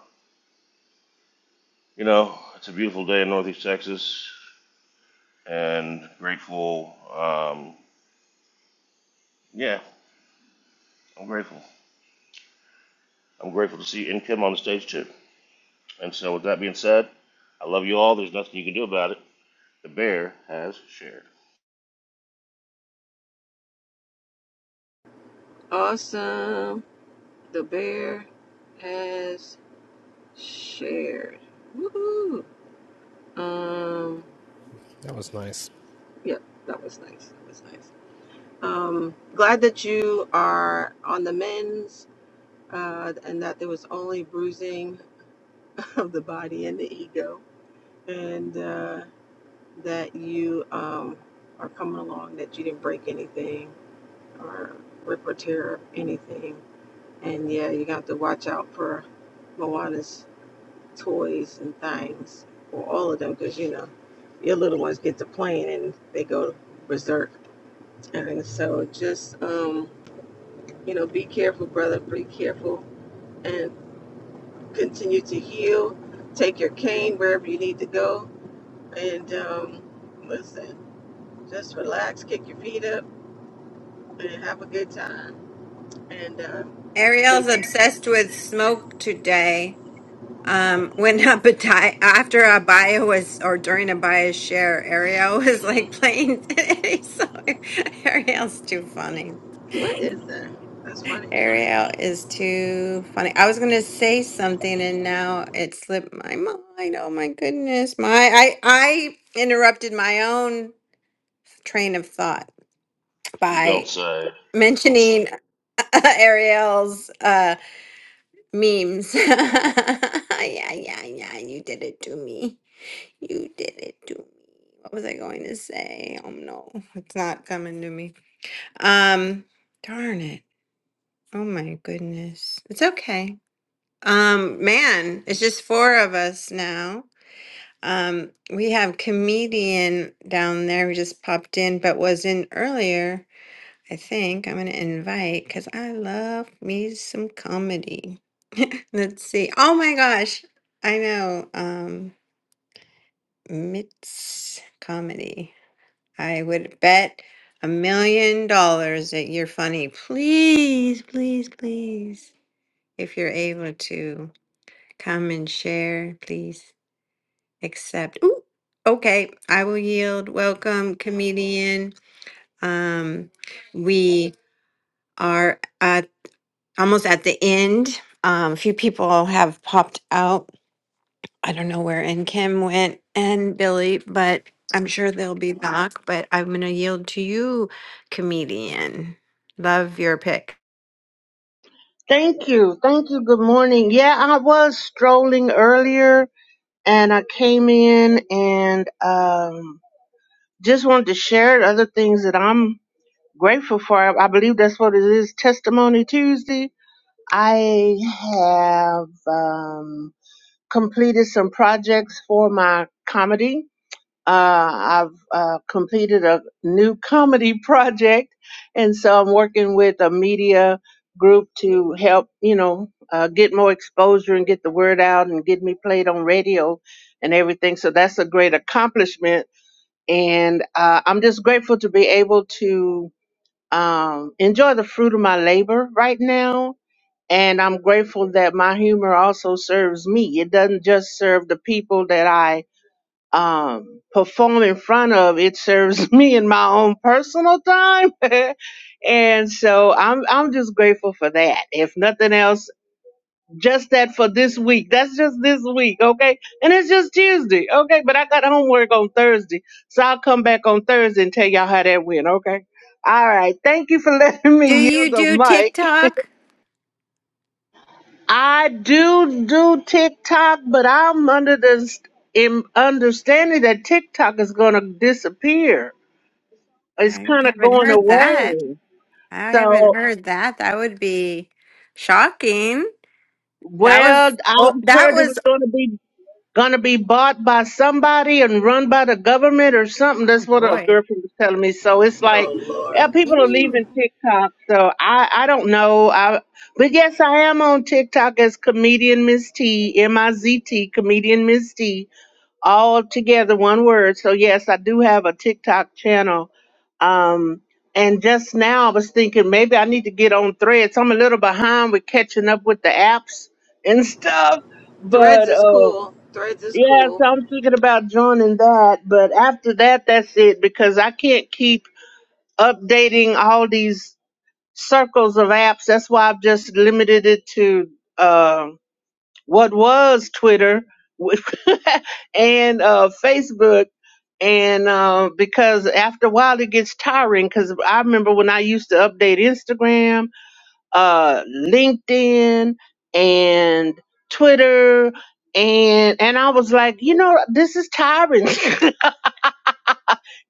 you know it's a beautiful day in Northeast Texas, and grateful. Um, yeah, I'm grateful. I'm grateful to see In Kim on the stage too. And so, with that being said, I love you all. There's nothing you can do about it. The bear has shared. Awesome. The bear has shared. Woohoo. Um. that was nice. Yeah, that was nice. That was nice. Um, glad that you are on the men's uh, and that there was only bruising of the body and the ego, and uh, that you um, are coming along, that you didn't break anything or rip or tear anything. And yeah, you got to watch out for Moana's toys and things, or all of them, because you know, your little ones get to playing and they go berserk. And so just, um, You know, be careful, brother. Be careful and continue to heal. Take your cane wherever you need to go. And um, listen, just relax, kick your feet up, and have a good time. And uh, Ariel's thank you. obsessed with smoke today. Um, when a Abadi- after a bio was or during a bio share, Ariel was like Mm, playing. so Ariel's too funny. what is that? That's funny. Ariel is too funny. I was gonna say something and now it slipped my mind. Oh my goodness, my I I interrupted my own train of thought You don't by say. mentioning. Ariel's uh, memes. yeah, yeah, yeah. You did it to me. You did it to me. What was I going to say? Oh no, it's not coming to me. Um, darn it. Oh my goodness. It's okay. Um, man, it's just four of us now. Um, we have comedian down there who just popped in but was in earlier. I think I'm gonna invite because I love me some comedy. Let's see. Oh my gosh, I know. Um, Mitts comedy. I would bet a million dollars that you're funny. Please, please, please, if you're able to come and share, please accept. Ooh, okay, I will yield. Welcome, comedian. Um, we are. uh, almost at the end. Um, a few people have popped out. I don't know where and Kim went and Billy, but I'm sure they'll be back. But I'm going to yield to you, comedian. Love your pick. Thank you. Thank you. Good morning. Yeah, I was strolling earlier and I came in and um just wanted to share other things that I'm grateful for. I I believe that's what it is, Testimony Tuesday. I have um completed some projects for my comedy uh, I've uh, completed a new comedy project, and so I'm working with a media group to help, you know, uh, get more exposure and get the word out and get me played on radio and everything. So that's a great accomplishment, and uh, I'm just grateful to be able to um, enjoy the fruit of my labor right now. And I'm grateful that my humor also serves me. It doesn't just serve the people that I um, perform in front of, it serves me in my own personal time. and so I'm, I'm just grateful for that. If nothing else, just that for this week. That's just this week. Okay. And it's just Tuesday. Okay. But I got homework on Thursday. So I'll come back on Thursday and tell y'all how that went. Okay. All right. Thank you for letting Do me yield you the do mic. TikTok? I do do TikTok, but I'm under the s- im- understanding that TikTok is going to disappear. it's I kind of haven't going heard that. away. I haven't So, heard that. That would be shocking. That well, was oh, I've that heard it was was going to be going to be bought by somebody and run by the government or something. oh That's what a boy. girlfriend was telling me. So it's like Oh, yeah, Lord. people are leaving TikTok. So I I don't know. I but yes, I am on TikTok as comedian Miss T M I Z T comedian Miss T all together, one word. So yes, I do have a TikTok channel. Um, and just now I was thinking maybe I need to get on threads. I'm a little behind with catching up with the apps and stuff. Threads But is uh, cool. Threads is yeah, cool. so I'm thinking about joining that. But after that, that's it because I can't keep updating all these circles of apps. That's why I've just limited it to. Um, what was Twitter and uh, Facebook. And uh, because after a while it gets tiring, because I remember when I used to update Instagram, uh, LinkedIn, and Twitter, and and I was like, you know, this is tiring.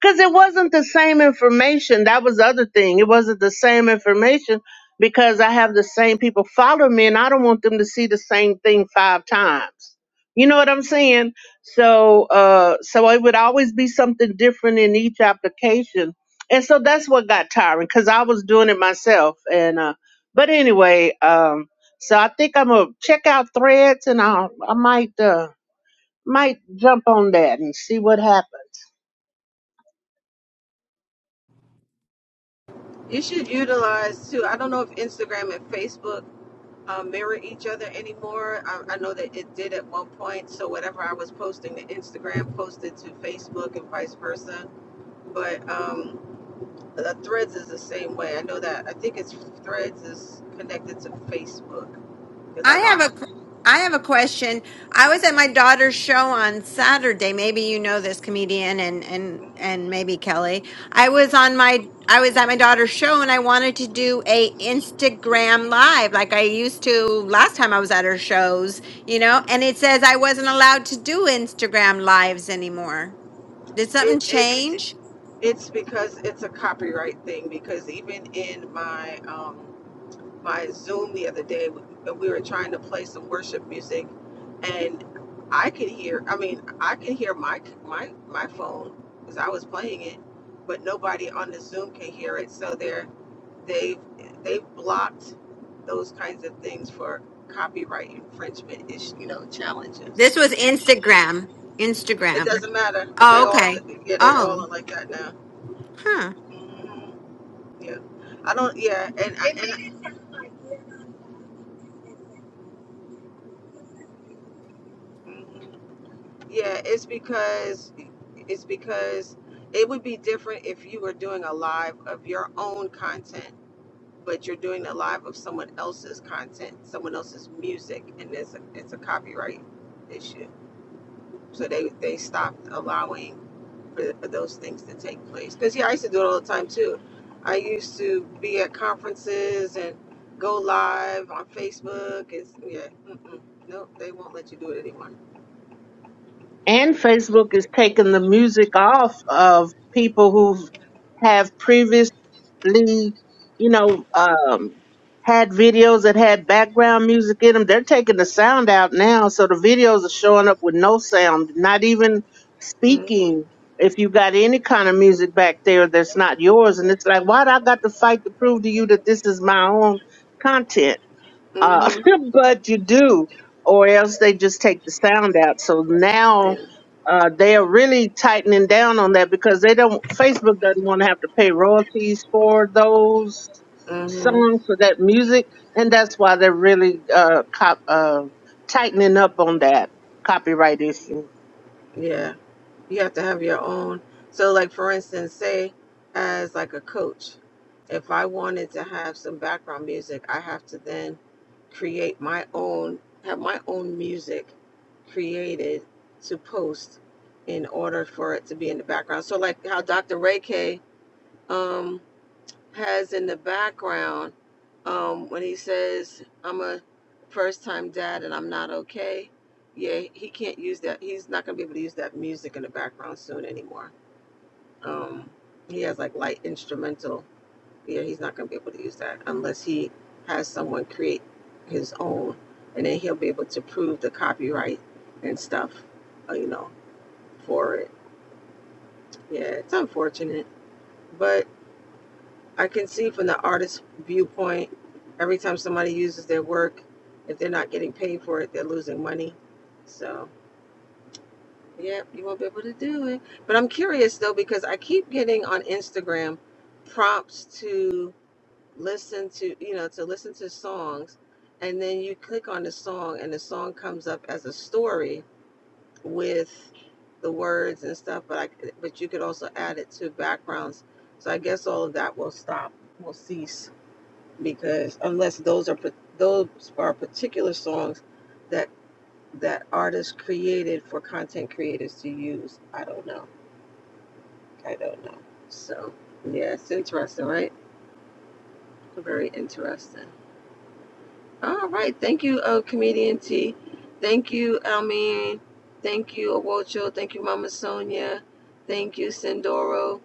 because it wasn't the same information. That was the other thing. It wasn't the same information because I have the same people follow me, and I don't want them to see the same thing five times. You know what I'm saying? So, uh, so it would always be something different in each application, and so that's what got tiring because I was doing it myself. And uh, but anyway, um, so I think I'm gonna check out Threads, and I I might uh, might jump on that and see what happens. You should utilize too. I don't know if Instagram and Facebook um, mirror each other anymore. I, I know that it did at one point. So whatever I was posting to Instagram, posted to Facebook, and vice versa. But um, the Threads is the same way. I know that. I think it's Threads is connected to Facebook because I I know I have have a I have a question. I was at my daughter's show on Saturday. Maybe you know this comedian and and and maybe Kelly. I was on my I was at my daughter's show and I wanted to do a Instagram live like I used to last time I was at her shows, you know, and it says I wasn't allowed to do Instagram lives anymore. Did it. something It's change? it's because it's a copyright thing. Because even in my um, my Zoom the other day, and we were trying to play some worship music, and I could hear. I mean, I could hear my my my phone because I was playing it, but nobody on the Zoom can hear it. So they're they've they've blocked those kinds of things for copyright infringement ish you know challenges. This was Instagram. It Instagram. doesn't matter. They Oh, all okay. yeah they all Oh. are like that now. huh. Mhm. Yeah, I don't yeah and I. And, Mhm. Yeah, it's because it's because it would be different if you were doing a live of your own content, but you're doing a live of someone else's content, someone else's music, and it's a, it's a copyright issue. So they they stopped allowing for, for those things to take place. Because yeah, I used to do it all the time too. I used to be at conferences and go live on Facebook. It's yeah, mm-mm, nope, they won't let you do it anymore. and Facebook is taking the music off of people who have previously, you know, um, had videos that had background music in them. They're taking the sound out now, so the videos are showing up with no sound, not even hmm speaking. If you got any kind of music back there that's not yours, and it's like, why do I got to fight to prove to you that this is my own content? uh, hmm but you do, or else they just take the sound out. So now uh, they are really tightening down on that because they don't. Facebook doesn't want to have to pay royalties for those Mm-hmm. songs for that music, and that's why they're really uh, cop, uh, tightening up on that copyright issue. Yeah. You have to have your own. So like for instance, say as like a coach, if I wanted to have some background music, I have to then create my own have my own music created to post in order for it to be in the background. So like how Dr. Ray K um, has in the background um, when he says, I'm a first time dad and I'm not okay. Yeah, he can't use that. He's not going to be able to use that music in the background soon anymore. Um, he has like light instrumental. Yeah, he's not going to be able to use that unless he has someone create his own. And then he'll be able to prove the copyright and stuff, uh, you know, for it. Yeah, it's unfortunate. but. I can see from the artist's viewpoint, every time somebody uses their work, if they're not getting paid for it, they're losing money. So, yeah, you won't be able to do it. But I'm curious though, because I keep getting on Instagram prompts to listen to, you know, to listen to songs. And then you click on the song, and the song comes up as a story with the words and stuff. But I, but you could also add it to backgrounds. So I guess all of that will stop, will cease because unless those are those are particular songs that that artists created for content creators to use. I don't know. I don't know. So yeah, it's interesting, right? Very interesting. All right, thank you, uh, comedian T. Thank you, Almin. Thank you, Awocho. Thank you, Mama Sonia. Thank you, Sindoro.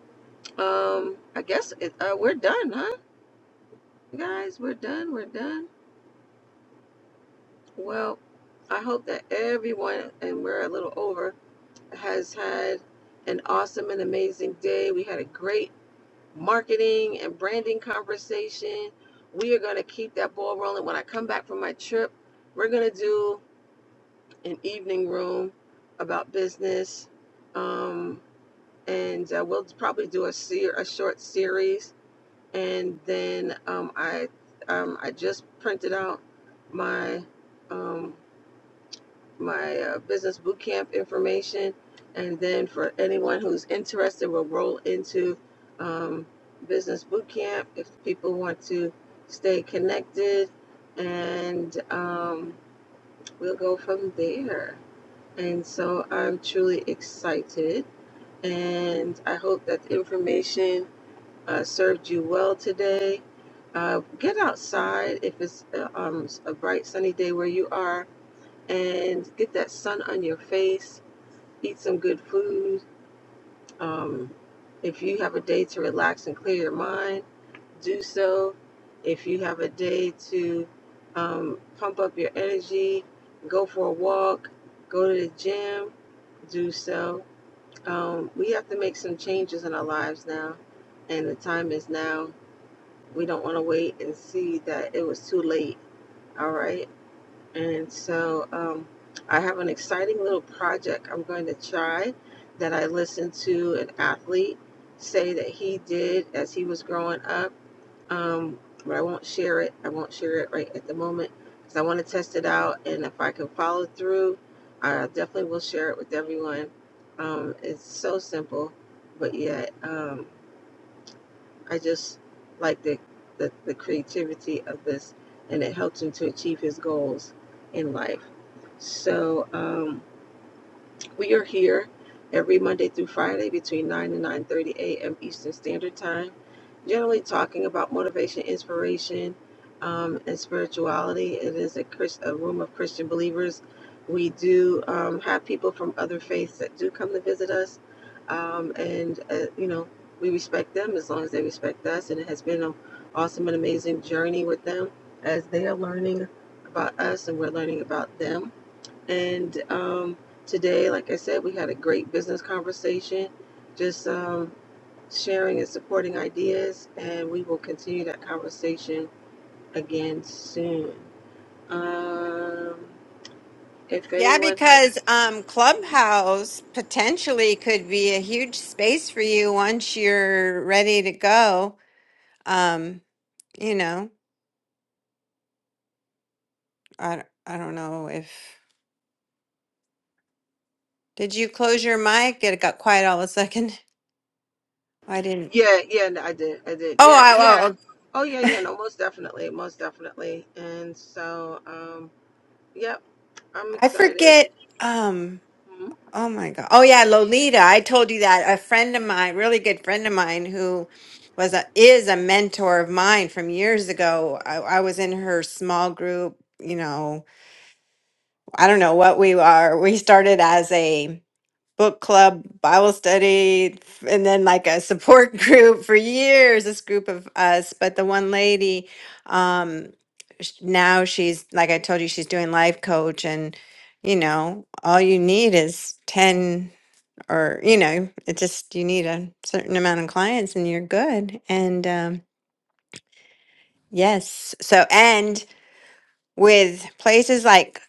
Um, I guess it, uh, we're done, huh? Guys, we're done. We're done. Well, I hope that everyone, and we're a little over, has had an awesome and amazing day. We had a great marketing and branding conversation. We are going to keep that ball rolling. When I come back from my trip, we're going to do an evening room about business. Um, and uh, we'll probably do a, ser- a short series. And then um, I, um, I just printed out my. Um, my uh, business bootcamp information. And then for anyone who's interested, we'll roll into um, business bootcamp. if people want to stay connected. And um, we'll go from there. And so I'm truly excited. And I hope that the information uh, served you well today. Uh, get outside if it's uh, um, a bright sunny day where you are and get that sun on your face eat some good food. Um, if you have a day to relax and clear your mind, do so. If you have a day to um, pump up your energy, go for a walk, go to the gym, do so. Um, we have to make some changes in our lives now, and the time is now. We don't want to wait and see that it was too late. All right. And so um, I have an exciting little project I'm going to try that I listened to an athlete say that he did as he was growing up. Um, but I won't share it. I won't share it right at the moment because I want to test it out. And if I can follow through, I definitely will share it with everyone. Um, it's so simple, but yet um, I just like the, the, the creativity of this, and it helped him to achieve his goals in life. So um, we are here every Monday through Friday between 9 and 9.30 a.m. Eastern Standard Time, generally talking about motivation, inspiration, um, and spirituality. It is a, Chris, a room of Christian believers. We do um, have people from other faiths that do come to visit us, um, and, uh, you know, we respect them as long as they respect us, and it has been an awesome and amazing journey with them as they are learning about us and we're learning about them. And um, today, like I said, we had a great business conversation, just um, sharing and supporting ideas, and we will continue that conversation again soon. Um, if Yeah, anyone has, because um, Clubhouse potentially could be a huge space for you once you're ready to go. Um, you know, I, I don't know if did you close your mic? It got quiet all of a second. I didn't. yeah, yeah, no, I did, I did, Oh, yeah, I yeah, oh, oh yeah, yeah, no, most definitely, most definitely, and so, um, yep, I'm I excited. forget. Um, Mhm. oh my God. Oh yeah, Lolita. I told you that a friend of mine, really good friend of mine, who was a is a mentor of mine from years ago. I, I was in her small group. You know I don't know what we are. We started as a book club, Bible study, f- and then like a support group for years, this group of us. But the one lady, um, sh- now she's, like I told you, she's doing life coach. And, you know, all you need is 10 or, you know, it just, you need a certain amount of clients and you're good. And um, yes. So, and with places like,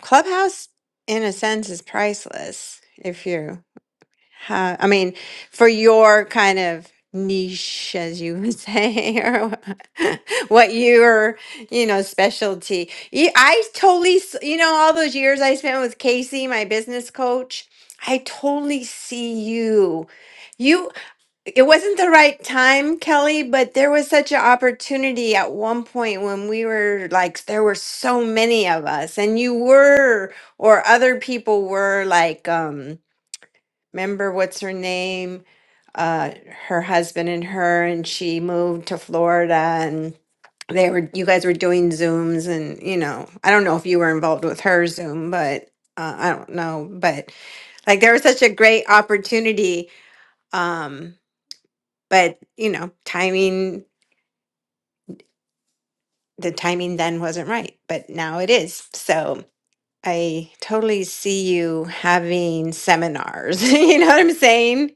Clubhouse, in a sense, is priceless if you have, I mean, for your kind of niche, as you would say, or what your, you know, specialty. You- I totally, s- you know, all those years I spent with Casey, my business coach, I totally see you. You it wasn't the right time, Kelly, but there was such an opportunity at one point when we were like, there were so many of us, and you were, or other people were like, um, remember what's her name? Uh, her husband and her, and she moved to Florida, and they were, you guys were doing Zooms, and you know, I don't know if you were involved with her Zoom, but uh, I don't know, but like there was such a great opportunity Um, but you know timing the timing then wasn't right but now it is so i totally see you having seminars you know what i'm saying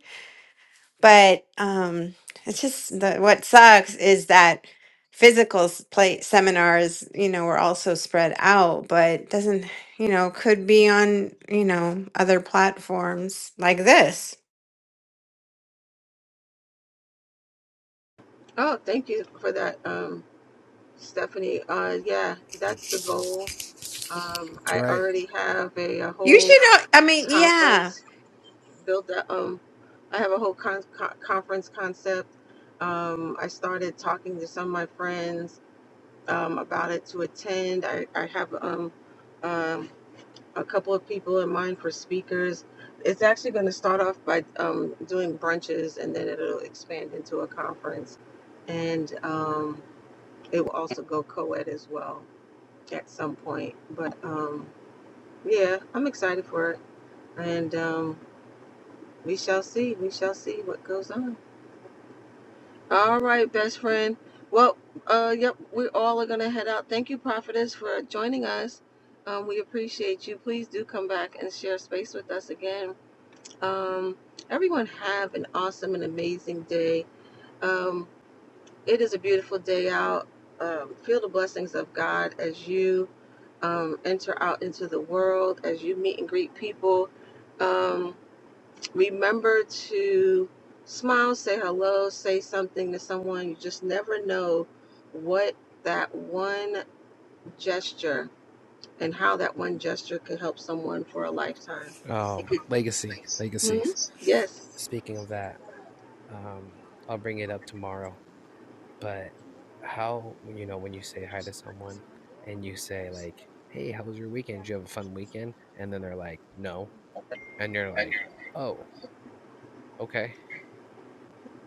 but um it's just the, what sucks is that physical s- play seminars you know were also spread out but doesn't you know could be on you know other platforms like this Oh, thank you for that, um, Stephanie. Uh, yeah, that's the Yeah. goal Um, That's I right. already have a, a you whole should know i mean yeah conference built up. Um, I have a whole con- con- conference concept. Um, I started talking to some of my friends um, about it to attend. I, I have um, um, a couple of people in mind for speakers. It's actually going to start off by um, doing brunches and then it'll expand into a conference. And um, it will also go co ed as well at some point. But um, yeah, I'm excited for it. and um, we shall see. We shall see what goes on. All right, best friend. Well, uh, yep, we all are gonna head out. Thank you, prophetess, for joining us. Um, we appreciate you. Please do come back and share space with us again. Um, everyone, have an awesome and amazing day. Um, it is a beautiful day out. Um, feel the blessings of God as you um, enter out into the world, as you meet and greet people. Um, Remember to smile, say hello, say something to someone. You just never know what that one gesture and how that one gesture could help someone for a lifetime. It Oh, could. Legacy, Legacy. Hmm? Yes. Speaking of that, um, I'll bring it up tomorrow. But how you know when you say hi to someone and you say like, "Hey, how was your weekend? Did you have a fun weekend?" And then they're like, "No," and you're like, "Oh, okay."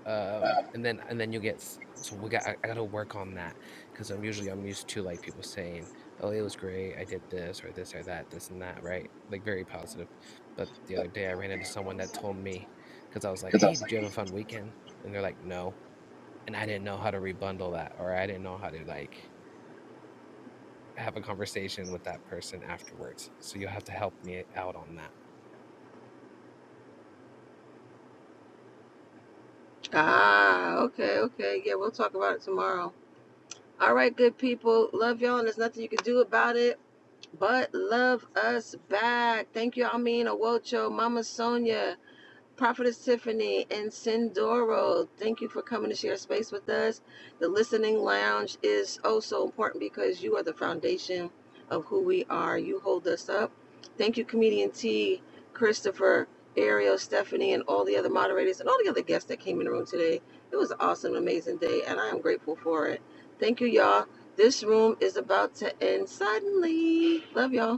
Um, and then and then you get so we got I, I got to work on that because I'm usually I'm used to like people saying, "Oh, it was great. I did this or this or that, this and that," right? Like very positive But the other day I ran into someone that told me, because I was like, hey, did you have a fun weekend? And they're like, no. And I didn't know how to rebundle that, or I didn't know how to like have a conversation with that person afterwards. So you'll have to help me out on that. Ah, okay, okay. Yeah, we'll talk about it tomorrow. All right, good people. Love y'all, and there's nothing you can do about it but love us back. Thank you, Amin Awocho, Mama Sonia. Prophetess Tiffany and Sindoro, thank you for coming to share space with us. The listening lounge is oh so important because you are the foundation of who we are. You hold us up. Thank you, comedian T, Christopher, Ariel, Stephanie, and all the other moderators and all the other guests that came in the room today. It was an awesome, amazing day, and I am grateful for it. Thank you, y'all. This room is about to end suddenly. Love y'all.